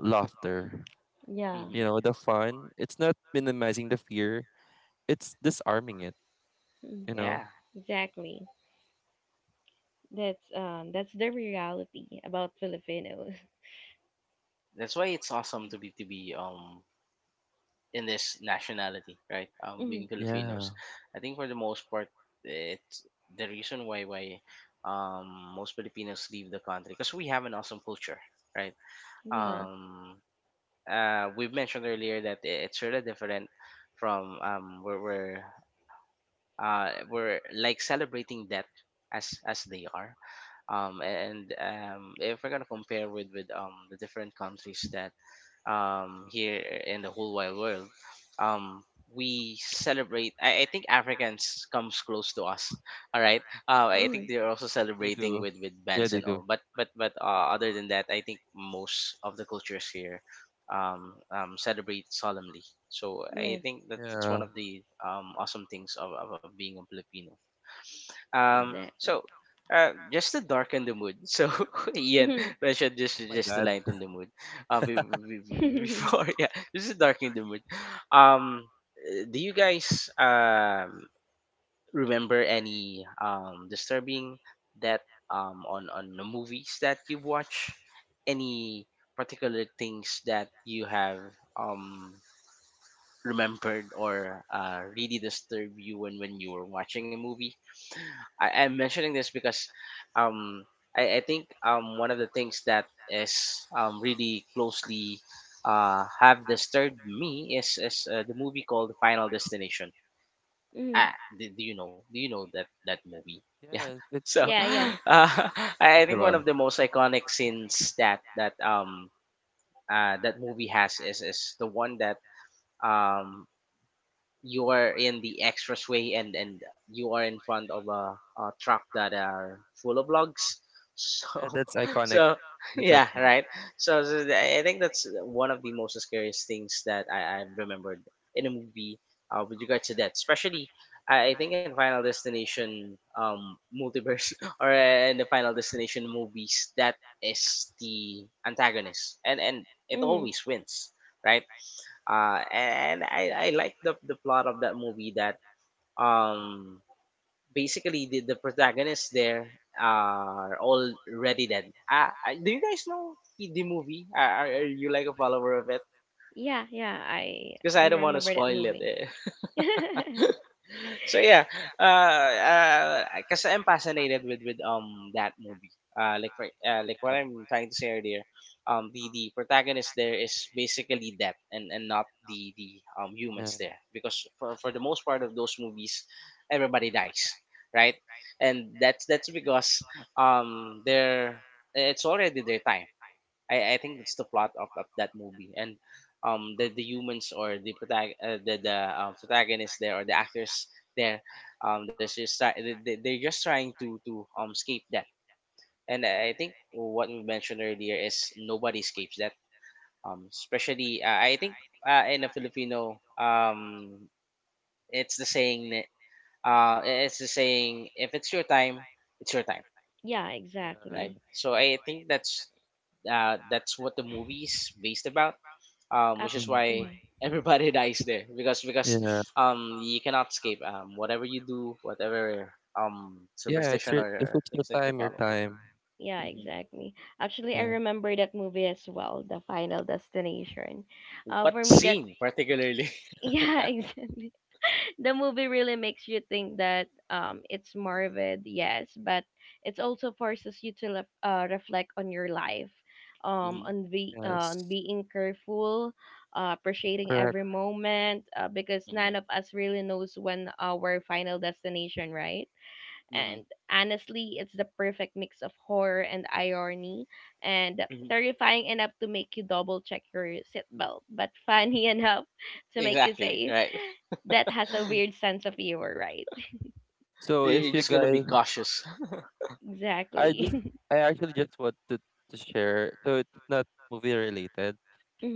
S3: laughter,
S2: Yeah.
S1: hmm
S3: you know, the fun. It's not minimizing the fear, it's disarming it,
S2: Mhm.
S3: you
S1: yeah.
S3: know?
S2: Exactly. That's that's the reality about Filipinos.
S1: That's why it's awesome to be to be in this nationality, right? Being Filipinos,
S3: Yeah,
S1: I think for the most part, it's the reason why um most Filipinos leave the country because we have an awesome culture, right?
S2: Yeah.
S3: correct.
S1: Um, we've mentioned earlier that it's sort of different from where we're like celebrating death as they are and if we're gonna compare with the different countries that here in the whole wide world. Um, we celebrate. I think Africans comes close to us. All right. I think
S2: Mm.
S1: they're also
S3: They
S1: celebrating
S3: do.
S1: with
S3: Yeah,
S1: bands
S3: they
S1: and
S3: do.
S1: all. But other than that, I think most of the cultures here celebrate solemnly. So I
S2: Yes,
S1: think that that's
S3: Yeah,
S1: one of the awesome things of being a Filipino.
S3: yeah.
S1: Um,
S2: exactly.
S1: so uh, just to darken the mood. So Ian
S2: Mhm.
S1: mentioned just
S3: Oh my
S1: just to
S3: God.
S1: lighten the mood. Uh, be- be- be- before yeah, just to darken the mood. Um, do you guys remember any disturbing that on the movies that you've watched? Any particular things that you have um remembered or really disturbed you when you were watching a movie? I'm mentioning this because um, I think one of the things that is really closely have disturbed me is the movie called Final Destination.
S2: Mhm.
S1: Ah, do, do you know? Do you know that that movie? Yeah.
S3: Yeah, it's
S1: So,
S2: Yeah, yeah.
S3: very
S1: I think one
S3: popular.
S1: of the most iconic scenes that that movie has is the one that um you are in the expressway and you are in front of a truck that are full of logs
S3: Yeah,
S1: so
S3: that's iconic.
S1: so
S3: That's
S1: yeah,
S3: iconic.
S1: right. So, I think that's one of the most scariest things that I remembered in a movie with regards to that, especially I think in Final Destination multiverse or in the Final Destination movies, that is the antagonist and it
S2: Mhm.
S1: always wins, right. And I like the plot of that movie that um basically the protagonists there are already dead. Do you guys know the movie? Are you like a follower of it?
S2: Yeah, yeah. I
S1: Because
S2: I
S1: I don't want to
S2: remember that
S1: spoil
S2: movie.
S1: it. So yeah, because I'm fascinated with that movie. Like for, like what
S3: Yeah,
S1: I'm trying to say earlier, the protagonist there is basically death and not the
S3: yeah.
S1: humans there because for the most part of those movies, everybody dies, right? And that's because they're it's already their time. I think that's the plot of that movie, and the humans or the protagonists there or the actors there they're just trying to escape that. And I think what we mentioned earlier is nobody escapes that, especially I think in a Filipino, it's the saying that it's the saying: if it's your time, it's your time,
S2: yeah,
S3: Yeah, yeah.
S1: right?
S2: exactly.
S1: So I think that's what the movie is based about, which
S2: Ab-
S1: is
S3: Mm,
S1: why
S2: mhm.
S1: everybody dies there because
S3: yeah.
S1: you cannot escape whatever you do, whatever
S3: Yeah, it's
S1: superstition
S3: your, if
S1: or
S3: it's your
S1: things that you
S3: time, your
S1: follow.
S3: time.
S2: Yeah,
S1: Hmm.
S2: exactly. Actually,
S3: Yeah,
S2: I remember that movie as well, The Final Destination.
S1: What
S2: For me, that
S1: scene particularly?
S2: yeah, exactly. The movie really makes you think that it's morbid, yes, but it also forces you to reflect on your life, um,
S1: Hmm.
S2: on be uh, on
S3: yes.
S2: being careful, appreciating
S3: Correct.
S2: every moment, because
S1: Hmm.
S2: none of us really knows when our final destination, right?
S1: Hmm.
S2: And honestly, it's the perfect mix of horror and irony, and
S1: Hmm.
S2: terrifying enough to make you double check your seatbelt, but funny enough to make you
S1: Exactly,
S2: say,
S1: right.
S2: that has a weird sense of humor, right?
S1: You-
S3: So
S1: you're
S3: if you
S1: just gonna be
S3: guys
S1: cautious.
S3: I just
S2: Exactly.
S3: I actually just wanted to share. So it's not movie related,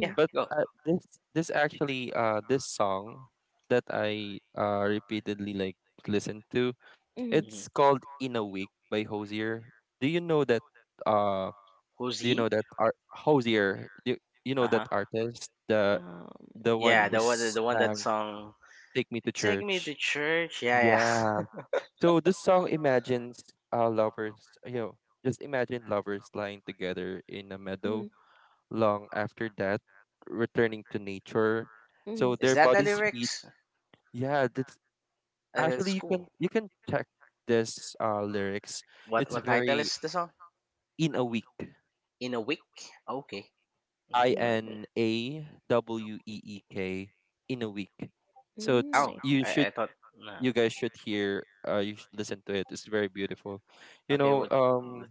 S1: Yeah,
S3: but
S1: go.
S3: this actually this song that I repeatedly like listen to.
S2: mhm.
S1: Hmm.
S3: It's called In a Week by Hosier. Do you know that uh
S1: Who's
S3: do you
S1: he?
S3: know that art Hosier? Do you, you know that
S1: Uh-huh.
S3: artist?
S2: um,
S3: The one
S1: Yeah,
S2: I'm.
S1: the one
S3: who's
S1: the one that song.
S3: Take Me to
S1: Take Me
S3: Church.
S1: to Church, yeah,
S3: Yeah.
S1: yeah.
S3: So this song imagines lovers, you know, just imagine lovers lying together in a meadow
S2: Mhm,
S3: long after that, returning to nature.
S2: mhm.
S3: So
S1: Is
S3: their
S1: that the
S3: bodies heat.
S1: lyrics?
S3: Yeah, that's
S1: Uh, it's
S3: actually
S1: cool.
S3: you can check this lyrics.
S1: what
S3: It's
S1: what title
S3: very
S1: is the song?
S3: in a week.
S1: In a Week. Okay. Mhm.
S3: I
S2: In a way.
S3: N A W E E K in a week.
S2: Mm, I see.
S3: So it's
S1: Oh,
S2: Mm-hmm,
S3: you
S1: I
S3: should
S1: thought.
S3: you
S1: No.
S3: guys should hear you should listen to it. It's very beautiful, you
S1: Okay,
S3: know,
S1: what?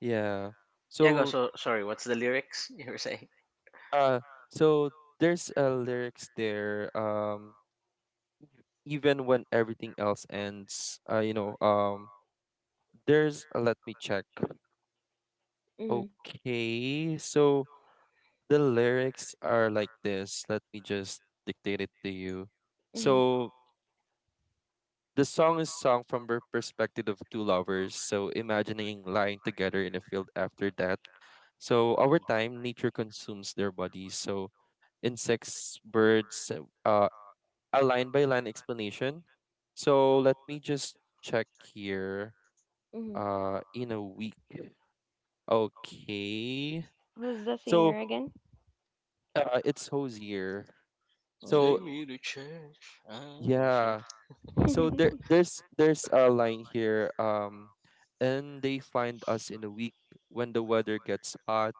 S3: yeah.
S1: Yeah, go.
S3: so
S1: So sorry, what's the lyrics you were saying?
S3: uh so there's lyrics there, even when everything else ends you know there's let me check. Okay, so the lyrics are like this, let me just dictate it to you.
S2: mm-hmm,
S1: Hmm.
S3: So the song is sung from the perspective of two lovers, so imagining lying together in a field after death. So over
S1: Hmm.
S3: time, nature consumes their bodies. So insects, birds, uh, a line by line explanation. So let me just check here.
S2: mm-hmm.
S3: In a week. Okay.
S2: Who's the
S3: So
S2: singer again?
S3: it's Hosier.
S2: Ozzy.
S1: Take
S3: So
S2: So
S1: me to church. I'm a sure.
S3: yeah.
S2: so there,
S3: So
S2: there's
S3: there's
S2: there's
S3: a
S2: a
S3: line
S2: line
S3: here.
S2: here.
S3: And they find us in a week, when the weather gets hot,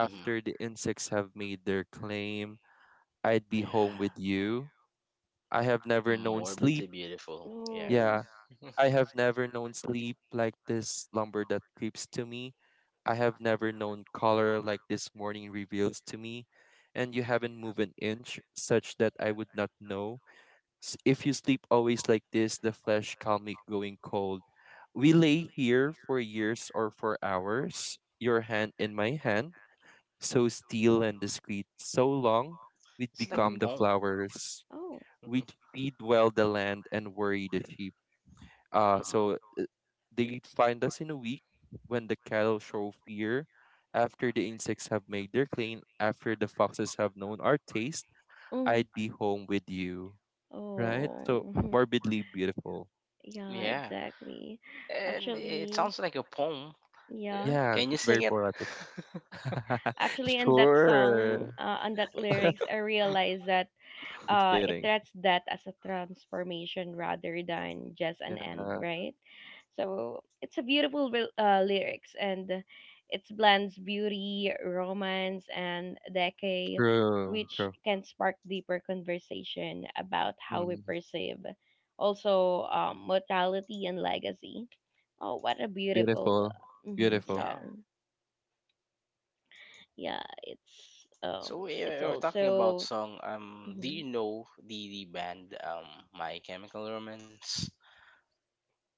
S1: Hmm.
S3: the insects have made their claim, I'd be home
S1: Yeah.
S3: with you. I have never
S1: Mm,
S3: known sleep.
S1: morbidly beautiful. Yeah.
S2: oh.
S3: Yeah. I have never known sleep like this lumber that creeps to me. I have never known color like this morning reveals to me. And you
S1: Mhm.
S3: haven't moved an inch such that I would not know. If you sleep always like this, the flesh calmly going cold. We lay here for years or for hours, your hand in my hand, so still and discreet, so long we'd
S1: It's like a
S3: become
S2: Mm-hmm.
S3: the
S1: poem.
S3: flowers.
S2: Oh.
S1: Hmm.
S3: We'd feed well the land and worry the sheep.
S1: Hmm.
S3: So they'd find us in a week, when the cattle show fear, after the insects have made their clean, after the foxes have known our taste,
S2: Mm.
S3: I'd be home with you. Right? So
S2: Oh.
S3: morbidly beautiful.
S2: yeah,
S1: Yeah.
S2: exactly.
S1: And it
S2: Actually,
S1: sounds like a poem.
S2: sounds like a poem,
S1: Yeah,
S2: yeah.
S3: Yeah,
S1: can you
S3: it's very
S1: sing it?
S3: poetic.
S2: Actually, in that So
S3: Sure.
S2: song, on that lyrics, I realized that
S3: Just
S2: it
S3: kidding.
S2: treats that as a transformation rather than just an end,
S3: Yeah,
S2: right? So it's a beautiful lyrics and it blends beauty, romance, and decay,
S3: true,
S2: which
S3: true.
S2: can spark deeper conversation about how we
S3: Mm,
S2: perceive also mortality and legacy. Oh, what a beautiful
S3: beautiful,
S2: mhm,
S3: beautiful.
S1: Yeah.
S2: song! Yeah,
S1: So we
S2: it's
S1: we're talking about
S2: also.
S1: song. Do
S2: Mhm,
S1: you know the band My Chemical Romance?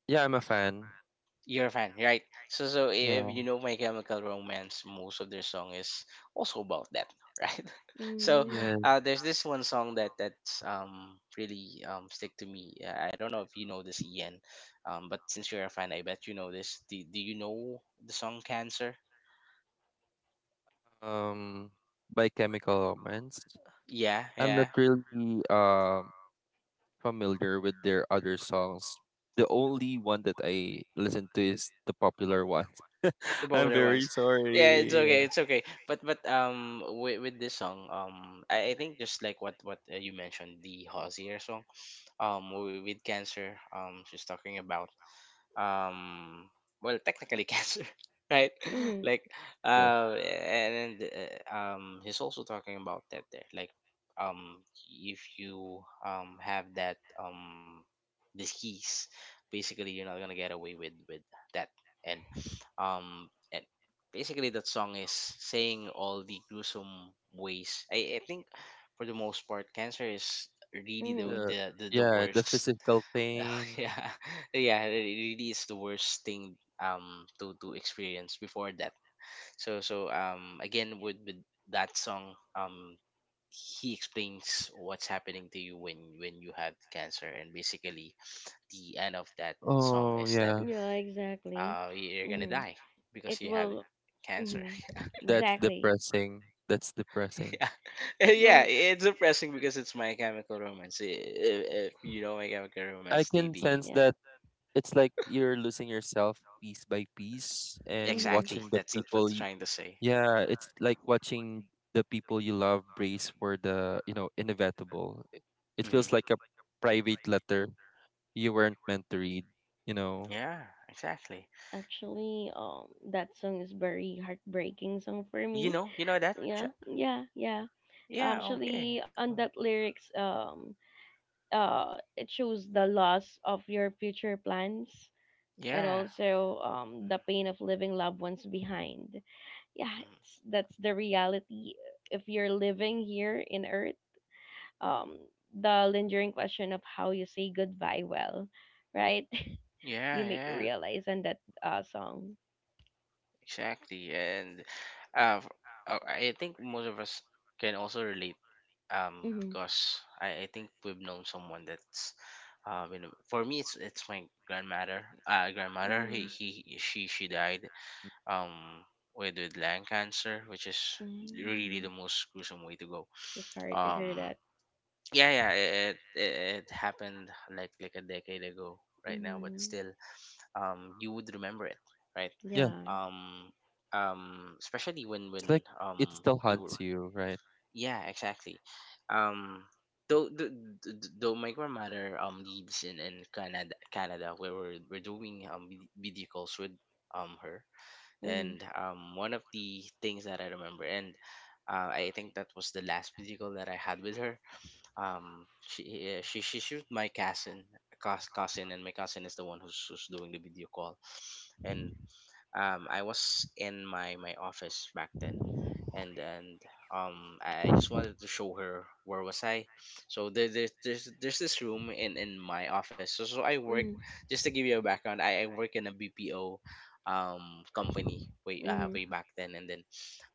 S3: Yeah, I'm a
S2: s-
S3: fan.
S1: You're a fan, right? So, so if
S3: Yeah,
S1: you know My Chemical Romance, most of their song is also about that, right? So,
S2: mhm.
S3: yes.
S1: there's this one song that that's really stick to me. I don't know if you know this, Ian, but since you're a fan, I bet you know this. Do Do you know the song Cancer?
S3: Um, by Chemical Romance.
S1: Yeah,
S3: I'm not
S1: yeah,
S3: really familiar with their other songs. The only one that I listen to is the popular one.
S1: the
S3: I'm
S1: popular
S3: very
S1: ones. Yeah, it's
S3: sorry.
S1: okay,
S3: Yeah.
S1: it's okay. But with this song, I think just like what you mentioned, the Hosier song, with cancer, she's talking about um well, technically cancer, right,
S2: Mhm.
S1: like.
S3: Yes.
S1: And He's also talking about that there, like, um if you have that disease, basically you're not gonna get away with that. And um and basically that song is saying all the gruesome ways. I think for the most part cancer is really
S2: Mhm.
S3: The,
S1: the
S3: yeah, the
S1: worst.
S3: physical pain.
S1: Yeah. Yeah, it really is the worst thing to experience before that. So again with that song, he explains what's happening to you when you had cancer, and basically the end of that song
S3: Oh
S1: is that
S3: yeah.
S2: Yeah, exactly.
S1: you're gonna
S2: Mhm.
S1: die because
S2: It
S1: you have
S2: will.
S1: cancer.
S2: Mhm.
S3: That's
S2: Exactly.
S3: depressing. That's depressing.
S1: Yeah.
S2: It
S1: Yeah,
S2: will.
S1: it's depressing because it's My Chemical Romance. If you know My Chemical
S3: I
S1: Romance,
S3: can
S1: the
S3: sense
S2: Yeah.
S3: that it's like you're losing yourself piece by piece and
S2: Mhm.
S1: exactly,
S3: watching the
S1: that's what they're
S3: people you,
S1: trying to say.
S3: yeah, it's like watching the people you love brace for the, you know, inevitable. It
S1: Mhm.
S3: feels like a private letter you weren't meant to read, you know.
S1: Yeah, exactly.
S2: Actually, that song is very heartbreaking song for me.
S1: You know that? Ch—
S2: Yeah. Yeah. Yeah.
S1: Yeah, okay.
S2: Actually, on
S1: Mm.
S2: that lyrics, it shows the loss of your future plans and
S1: Yeah.
S2: also the pain of leaving loved ones behind yeah
S1: Mhm.
S2: it's, that's the reality if you're living here in earth um the lingering question of how you say goodbye well, right?
S1: Yeah,
S2: you make
S1: yeah,
S2: realize on that song.
S1: exactly. And, uh, f- I think most of us can also relate,
S2: Mm-hmm.
S1: because I think we've known someone that's you know, for me it's my grandmother. Grandmother
S2: Mm-hmm.
S1: he she died um with lung cancer, which is really the
S2: Mm-hmm.
S1: most gruesome way to go.
S2: So sorry to hear
S1: Um,
S2: that.
S1: yeah, yeah, it happened like a decade ago right now, but still
S2: Mm-hmm.
S1: you would remember it, right?
S3: Yeah,
S2: Yeah.
S1: um Especially when
S3: it's like it still
S1: you were.
S3: haunts you, right?
S1: Yeah, exactly. um though th- th- th- Though my grandmother lives in Canada, Canada where we're doing video calls with her. And
S2: Mm-hmm.
S1: One of the things that I remember, and I think that was the last video call that I had with her, she shoot my cousin, cousin, and my cousin is the one who's, who's doing the video call. And I was in my my office back then, and I just wanted to show her where was I. So there, there's this room in my office. So so I work,
S2: Mhm.
S1: just to give you a background. I work in a BPO company way
S2: Mhm.
S1: back then, and then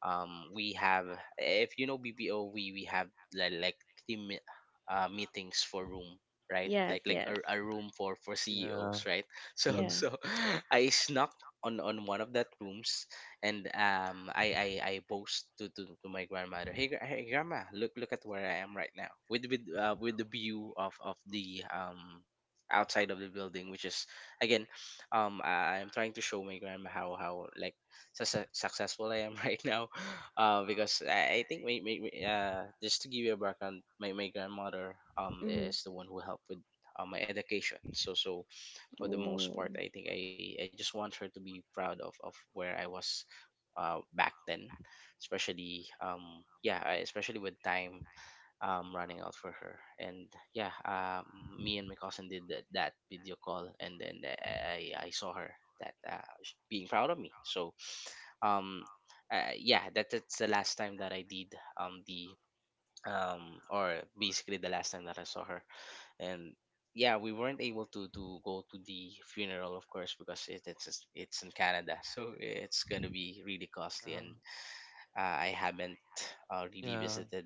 S1: we have, if you know BPO we have like team me- meetings for room, right? like
S2: Yes.
S1: like a,
S2: Yes.
S1: a room for
S3: Yeah.
S1: CEOs, right? so
S3: Mm.
S1: so
S2: Yeah.
S1: I snuck on one of that rooms. And I boast to my grandmother. Hey, grandma, look at where I am right now, with with the view of the outside of the building, which is, again, I, I'm trying to show my grandma how like successful I am right now. Because I think my, my, my just to give you a background, my grandmother is
S2: Mhm.
S1: the one who helped with my education. For the most
S2: Oh.
S1: part, I think I just want her to be proud of where I was back then, especially especially with time running out for her. And yeah, me and my cousin did that video call, and then I saw her that being proud of me. Um yeah, that's the last time that I did the or basically the last time that I saw her. And yeah, we weren't able to go to the funeral, of course, because it's in Canada so it's going to be really costly.
S3: Um,
S1: And I haven't really
S3: yeah.
S1: visited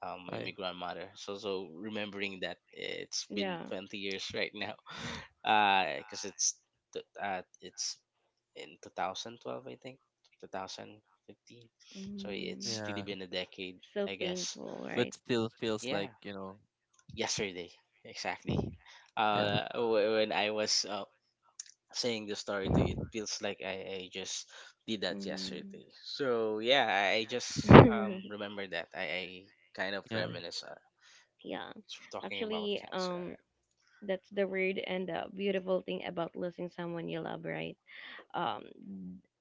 S1: my
S3: I,
S1: grandmother. Remembering that, it's been
S2: Yeah.
S1: 20 years right now. Because it's it's in 2012, I think, 2015. So
S2: Mm.
S1: it's really
S3: yeah,
S1: been a decade,
S2: So
S1: I guess.
S2: painful,
S3: but
S2: right?
S3: still feels
S1: Yeah
S3: like, you know,
S1: yesterday, exactly.
S3: yeah.
S1: When I was saying the story to you, it feels like I just did that
S2: Mm.
S1: yesterday. So yeah, I just remember that I kind of
S3: Yeah,
S1: reminisce,
S2: yeah.
S1: talking about
S2: Actually,
S1: cancer, right?
S2: that's the weird and beautiful thing about losing someone you love, right? um,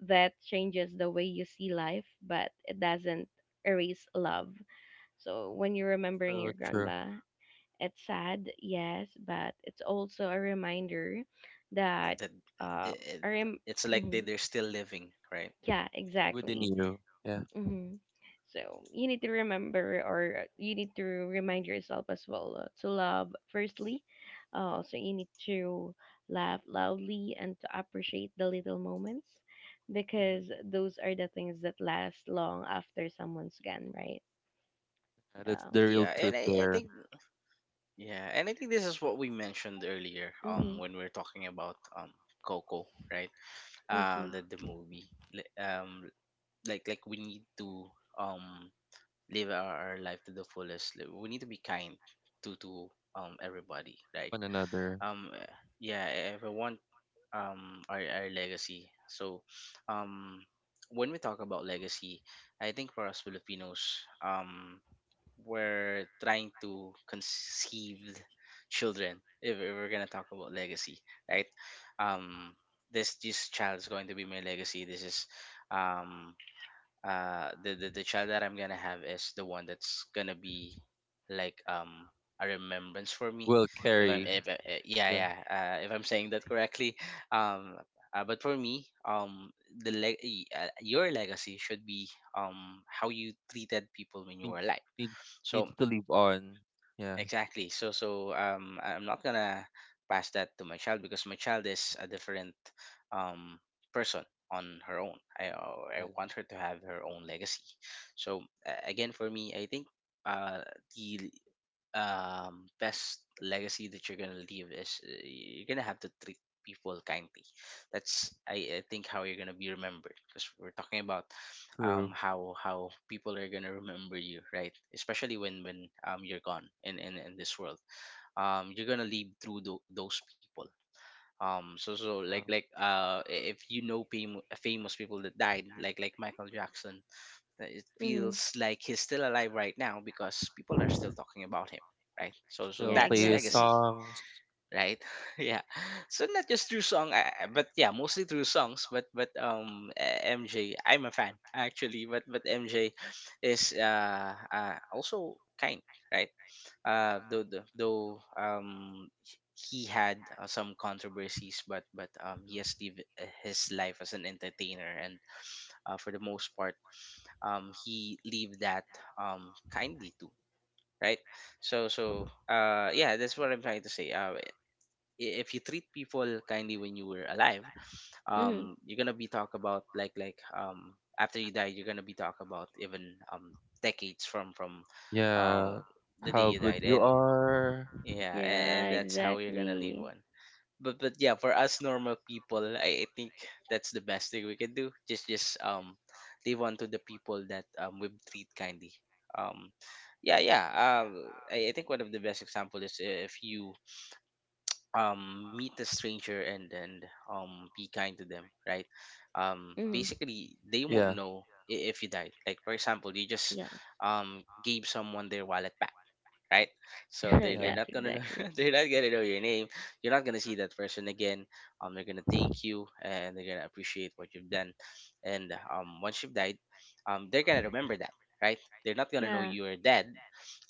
S2: that changes the way you see life, but it doesn't erase love. So when you're remembering your
S3: true, true.
S2: grandma, it's sad, yes, but it's also a reminder that
S1: That
S2: um,
S1: it, it,
S2: a rem-
S1: it's like
S2: mhm.
S1: they're still living, right?
S2: Yeah,
S3: Within
S2: exactly.
S3: you. Yeah,
S2: Mm-hmm. So you need to remember, or you need to remind yourself as well to love firstly. So you need to laugh loudly and to appreciate the little moments,
S1: Mhm.
S2: because those are the things that last long after someone's gone, right?
S3: that's the
S2: Um,
S1: Yeah,
S3: real
S1: and
S3: truth
S1: I think,
S3: there.
S1: yeah, and I think this is what we mentioned earlier, when we are
S2: mm-hmm.
S1: talking about coco, right?
S2: I see.
S1: The movie like we need to um live our life to the fullest. Like, we need to be kind to everybody, right?
S3: One another
S1: um eh, yeah, if I want our legacy. Um when we talk about legacy, I think for us Filipinos, we're trying to conceive children, if we're gonna talk about legacy, right? um this child is going to be my legacy. This is um the child that I'm gonna have is the one that's gonna be like a remembrance for me,
S3: will
S1: if I'm
S3: carry.
S1: if I, eh, yeah
S3: Yeah,
S1: yeah if I'm saying that correctly. um but for me, the your legacy should be how you treated people when you
S3: need,
S1: were alive,
S3: need,
S1: so
S3: needs to live on. Yeah,
S1: exactly. So I'm not gonna pass that to my child, because my child is a different um person on her own. I
S3: yeah,
S1: want her to have her own legacy. So again, for me, I think uh the best legacy that you're gonna leave is, you're gonna have to treat people kindly. That's, I think, how you're gonna be remembered, because we're talking about
S3: true.
S1: how people are gonna remember you, right? Especially when you're gone in in this world, you're gonna leave through those people. So like
S3: Uh,
S1: if you know famous people that died, like Michael Jackson, that it
S2: Mm-hmm.
S1: feels like he's still alive right now, because people are still talking about him, right?
S3: still
S2: Yeah,
S3: play
S1: That's
S3: his
S1: legacy,
S2: exactly.
S3: songs.
S1: right? Yeah. So not just through song, but yeah, mostly through songs, but mj, I'm a fan, actually, but MJ is also kind, right? Though, he had some controversies, but he has lived his life as an entertainer, and for the most part he lived that kindly too, right? Yeah, that's what I'm trying to say. If you treat people kindly when you were alive,
S2: Mm-hmm.
S1: you're gonna be talk about, like, after you die you're gonna be talk about, even decades from uh
S3: Yeah,
S1: the day
S3: how
S1: you
S3: good
S1: died.
S3: you
S1: And
S3: are.
S1: yeah,
S2: Yeah,
S1: and that's how you're gonna live
S2: exactly.
S1: on. But yeah, for us normal people, I think that's the best thing we can do. Just live on to the people that we treat kindly. Um yeah, yeah. I think one of the best example is, if you meet a stranger and be kind to them, right? Um,
S2: Hmm.
S1: basically they won't
S3: Yeah,
S1: know if you died. Like, for example, you just
S2: Yeah.
S1: gave someone their wallet back, right? So they're
S3: yeah,
S2: yeah,
S1: not gonna know
S2: exactly.
S1: they're not gonna know your name. You're not gonna see that person again. They're gonna thank you, and they're gonna appreciate what you've done. And once you've died, they're gonna remember that, right? They're not gonna know
S2: Yeah.
S1: you're dead.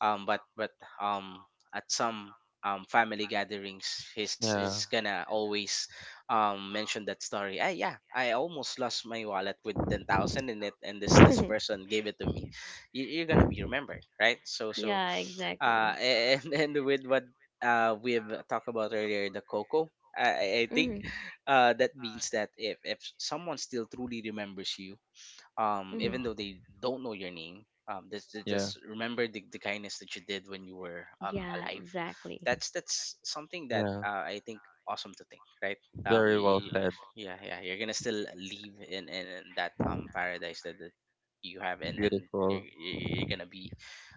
S1: But um, at some family gatherings, he's
S3: yeah,
S1: gonna always mention that story. Ah, yeah, I almost lost my wallet with 10,000 in it, and this person gave it to me. You're gonna be remembered, right? So
S2: yeah, exactly.
S1: uh, and and with what we've talked about earlier, the cocoa. I think
S2: Hmm.
S1: that means that if someone still truly remembers you,
S2: Hmm.
S1: even though they don't know your name, just
S3: yeah,
S1: remember the kindness that you did when you were
S2: Yeah,
S1: alive.
S2: exactly.
S1: That's that's something that,
S3: yeah.
S1: I think, awesome to think, right?
S3: Very well said.
S1: Yeah, yeah, you're gonna still leave in in that paradise that, that you have, and then
S3: Beautiful.
S1: you're gonna be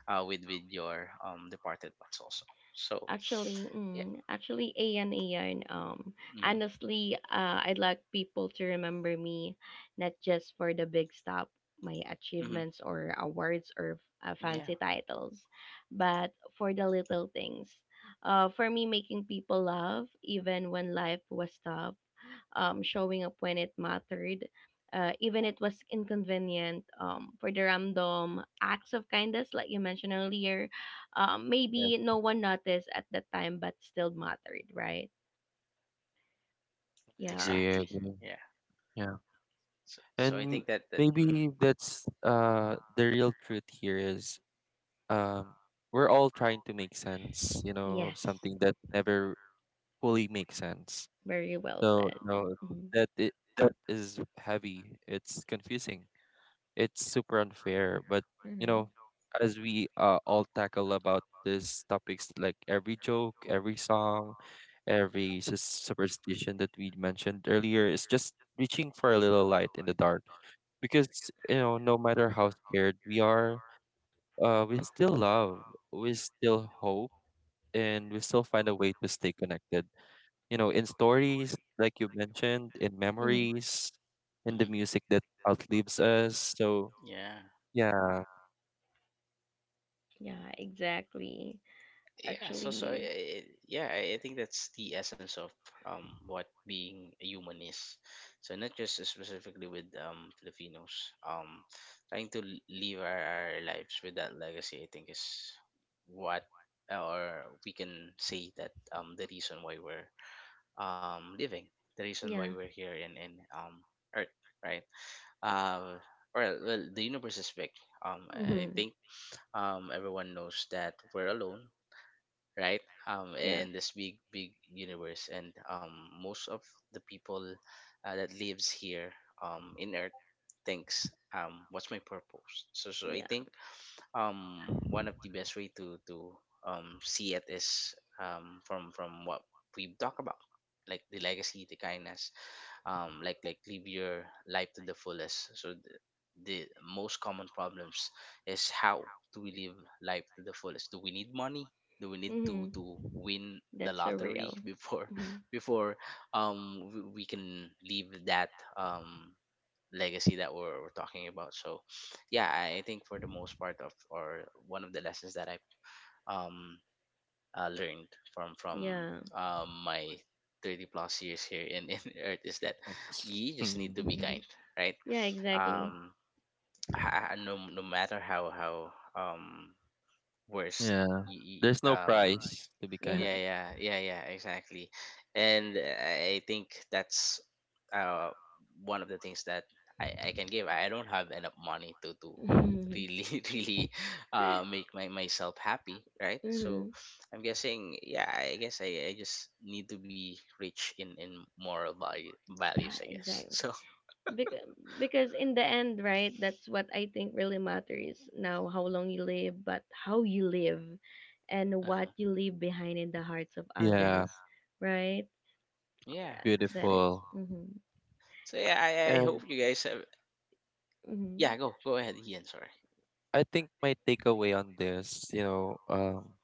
S1: with your departed ones also, so
S2: Actually,
S1: yeah.
S2: mm, actually, ayan, ayan.
S1: Mm,
S2: Honestly, I'd like people to remember me not just for the big stuff, my
S1: mm,
S2: achievements or awards or
S1: yeah,
S2: fancy titles, but for the little things. For me, making people laugh even when life was tough showing up when it mattered, even it was inconvenient. For the random acts of kindness, like you mentioned earlier,
S3: Yes,
S2: maybe no one noticed at the time, but still mattered, right?
S3: I
S2: Yeah.
S3: agree. I
S1: exactly.
S3: agree.
S1: yeah
S3: Yeah,
S1: so, so I
S3: and
S1: think that
S3: maybe that's the real truth here is um we're all trying to make sense, you know,
S2: Yes.
S3: of something that never fully makes sense.
S2: Very well
S3: So
S2: said.
S3: you know
S2: Mhm.
S3: that is heavy, it's confusing, it's super unfair, but you
S2: Mhm.
S3: know, as we all tackle about these topics, like every joke, every song, every superstition that we mentioned earlier is just reaching for a little light in the dark. Because you know, no matter how scared we are, we still love, we still hope, and we still find a way to stay connected. You know, in stories, like you mentioned, in
S2: Mhm.
S3: memories, in the
S1: mm
S3: music that outlives us. So,
S1: yeah.
S3: yeah.
S2: Yeah, exactly.
S1: Yeah, so so
S2: Actually.
S1: yeah, I think that's the essence of what being a human is. So not just specifically with Filipinos, trying to live our lives with that legacy, I think, is what, or we can say that the reason why we're living, the reason why
S2: Yeah.
S1: we're here in Earth, right? Um, well, the universe is big.
S2: Hmm.
S1: I think everyone knows that we're alone, right? Um,
S2: Yeah.
S1: in this big, big universe, and most of the people that lives here in Earth thinks, what's my purpose? So, so I
S2: Yeah.
S1: think one of the best way to see it is from what we talk about, like the legacy, the kindness, like, live your life to the fullest. So the most common problems is, how do we live life to the fullest? Do we need money, do we need to
S2: Hmm.
S1: win the
S2: That's so
S1: lottery
S2: real.
S1: before
S2: Hmm.
S1: before we can leave that um legacy that we're talking about? So yeah, I think for the most part of, or one of the lessons that I um learned from
S2: Yeah.
S1: my 30 plus years here in earth, is that you just need
S3: Mm,
S1: to be kind,
S2: Hmm.
S1: right?
S2: Yeah, exactly.
S1: um no, no matter how worse
S3: yeah.
S1: you, you-
S3: There's no
S1: um
S3: price to be kind.
S1: yeah,
S2: Yeah.
S1: yeah, yeah, yeah, exactly. And I think that's, uh one of the things that I can give. I don't have enough money to really really make my myself happy, right? So
S2: hmm.
S1: I'm guessing, yeah, I guess I just need to be rich in moral value values,
S2: Yeah,
S1: I guess.
S2: exactly.
S1: So
S2: Because, because in the end, right, that's what I think really matters now how long you live, but how you live and what
S1: uh
S2: you leave behind in the hearts of others,
S3: Yeah.
S2: right?
S1: yeah.
S2: Yeah, that is.
S3: Beautiful.
S2: Mm-hmm.
S1: So yeah, I
S3: And
S1: hope you guys have,
S2: Mm-hmm.
S1: yeah, go ahead, Ian, sorry.
S3: I think my takeaway on this, you know,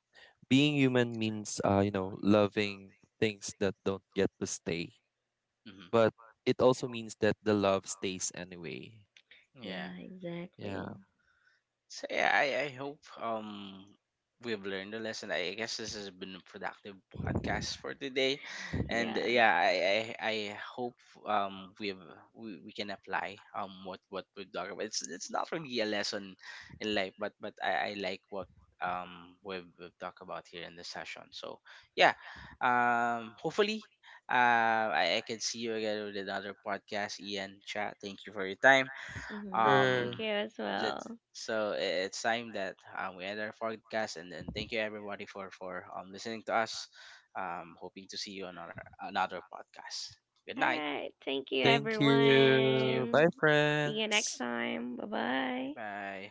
S3: being human means, you know, loving things that don't get to stay,
S1: Mm-hmm.
S3: but it also means that the love stays anyway.
S1: Yeah.
S2: Yeah,
S3: Yeah.
S2: exactly.
S1: So yeah, I hope we've learned a lesson. I guess this has been a productive podcast for today, and
S2: Yeah.
S1: yeah, I hope we've, we can apply what we've talked about. It's not really a lesson in life, but I like what we've talked about here in this session. So yeah, um, hopefully I can see you again with another podcast. Ian, chat, thank you for your time.
S2: Mm-hmm. Thank
S3: Sure.
S2: you
S1: Um,
S2: as
S1: let's,
S2: well.
S1: it's time that, we end our podcast, and then thank you everybody for listening to us. Hoping to see you on our another podcast. Good
S2: All
S1: night.
S2: right. Thank you,
S3: Thank
S1: Thank you.
S3: you.
S2: everyone.
S3: Bye,
S2: See you next
S3: friends.
S2: time. Bye
S1: Bye
S2: bye.
S1: bye.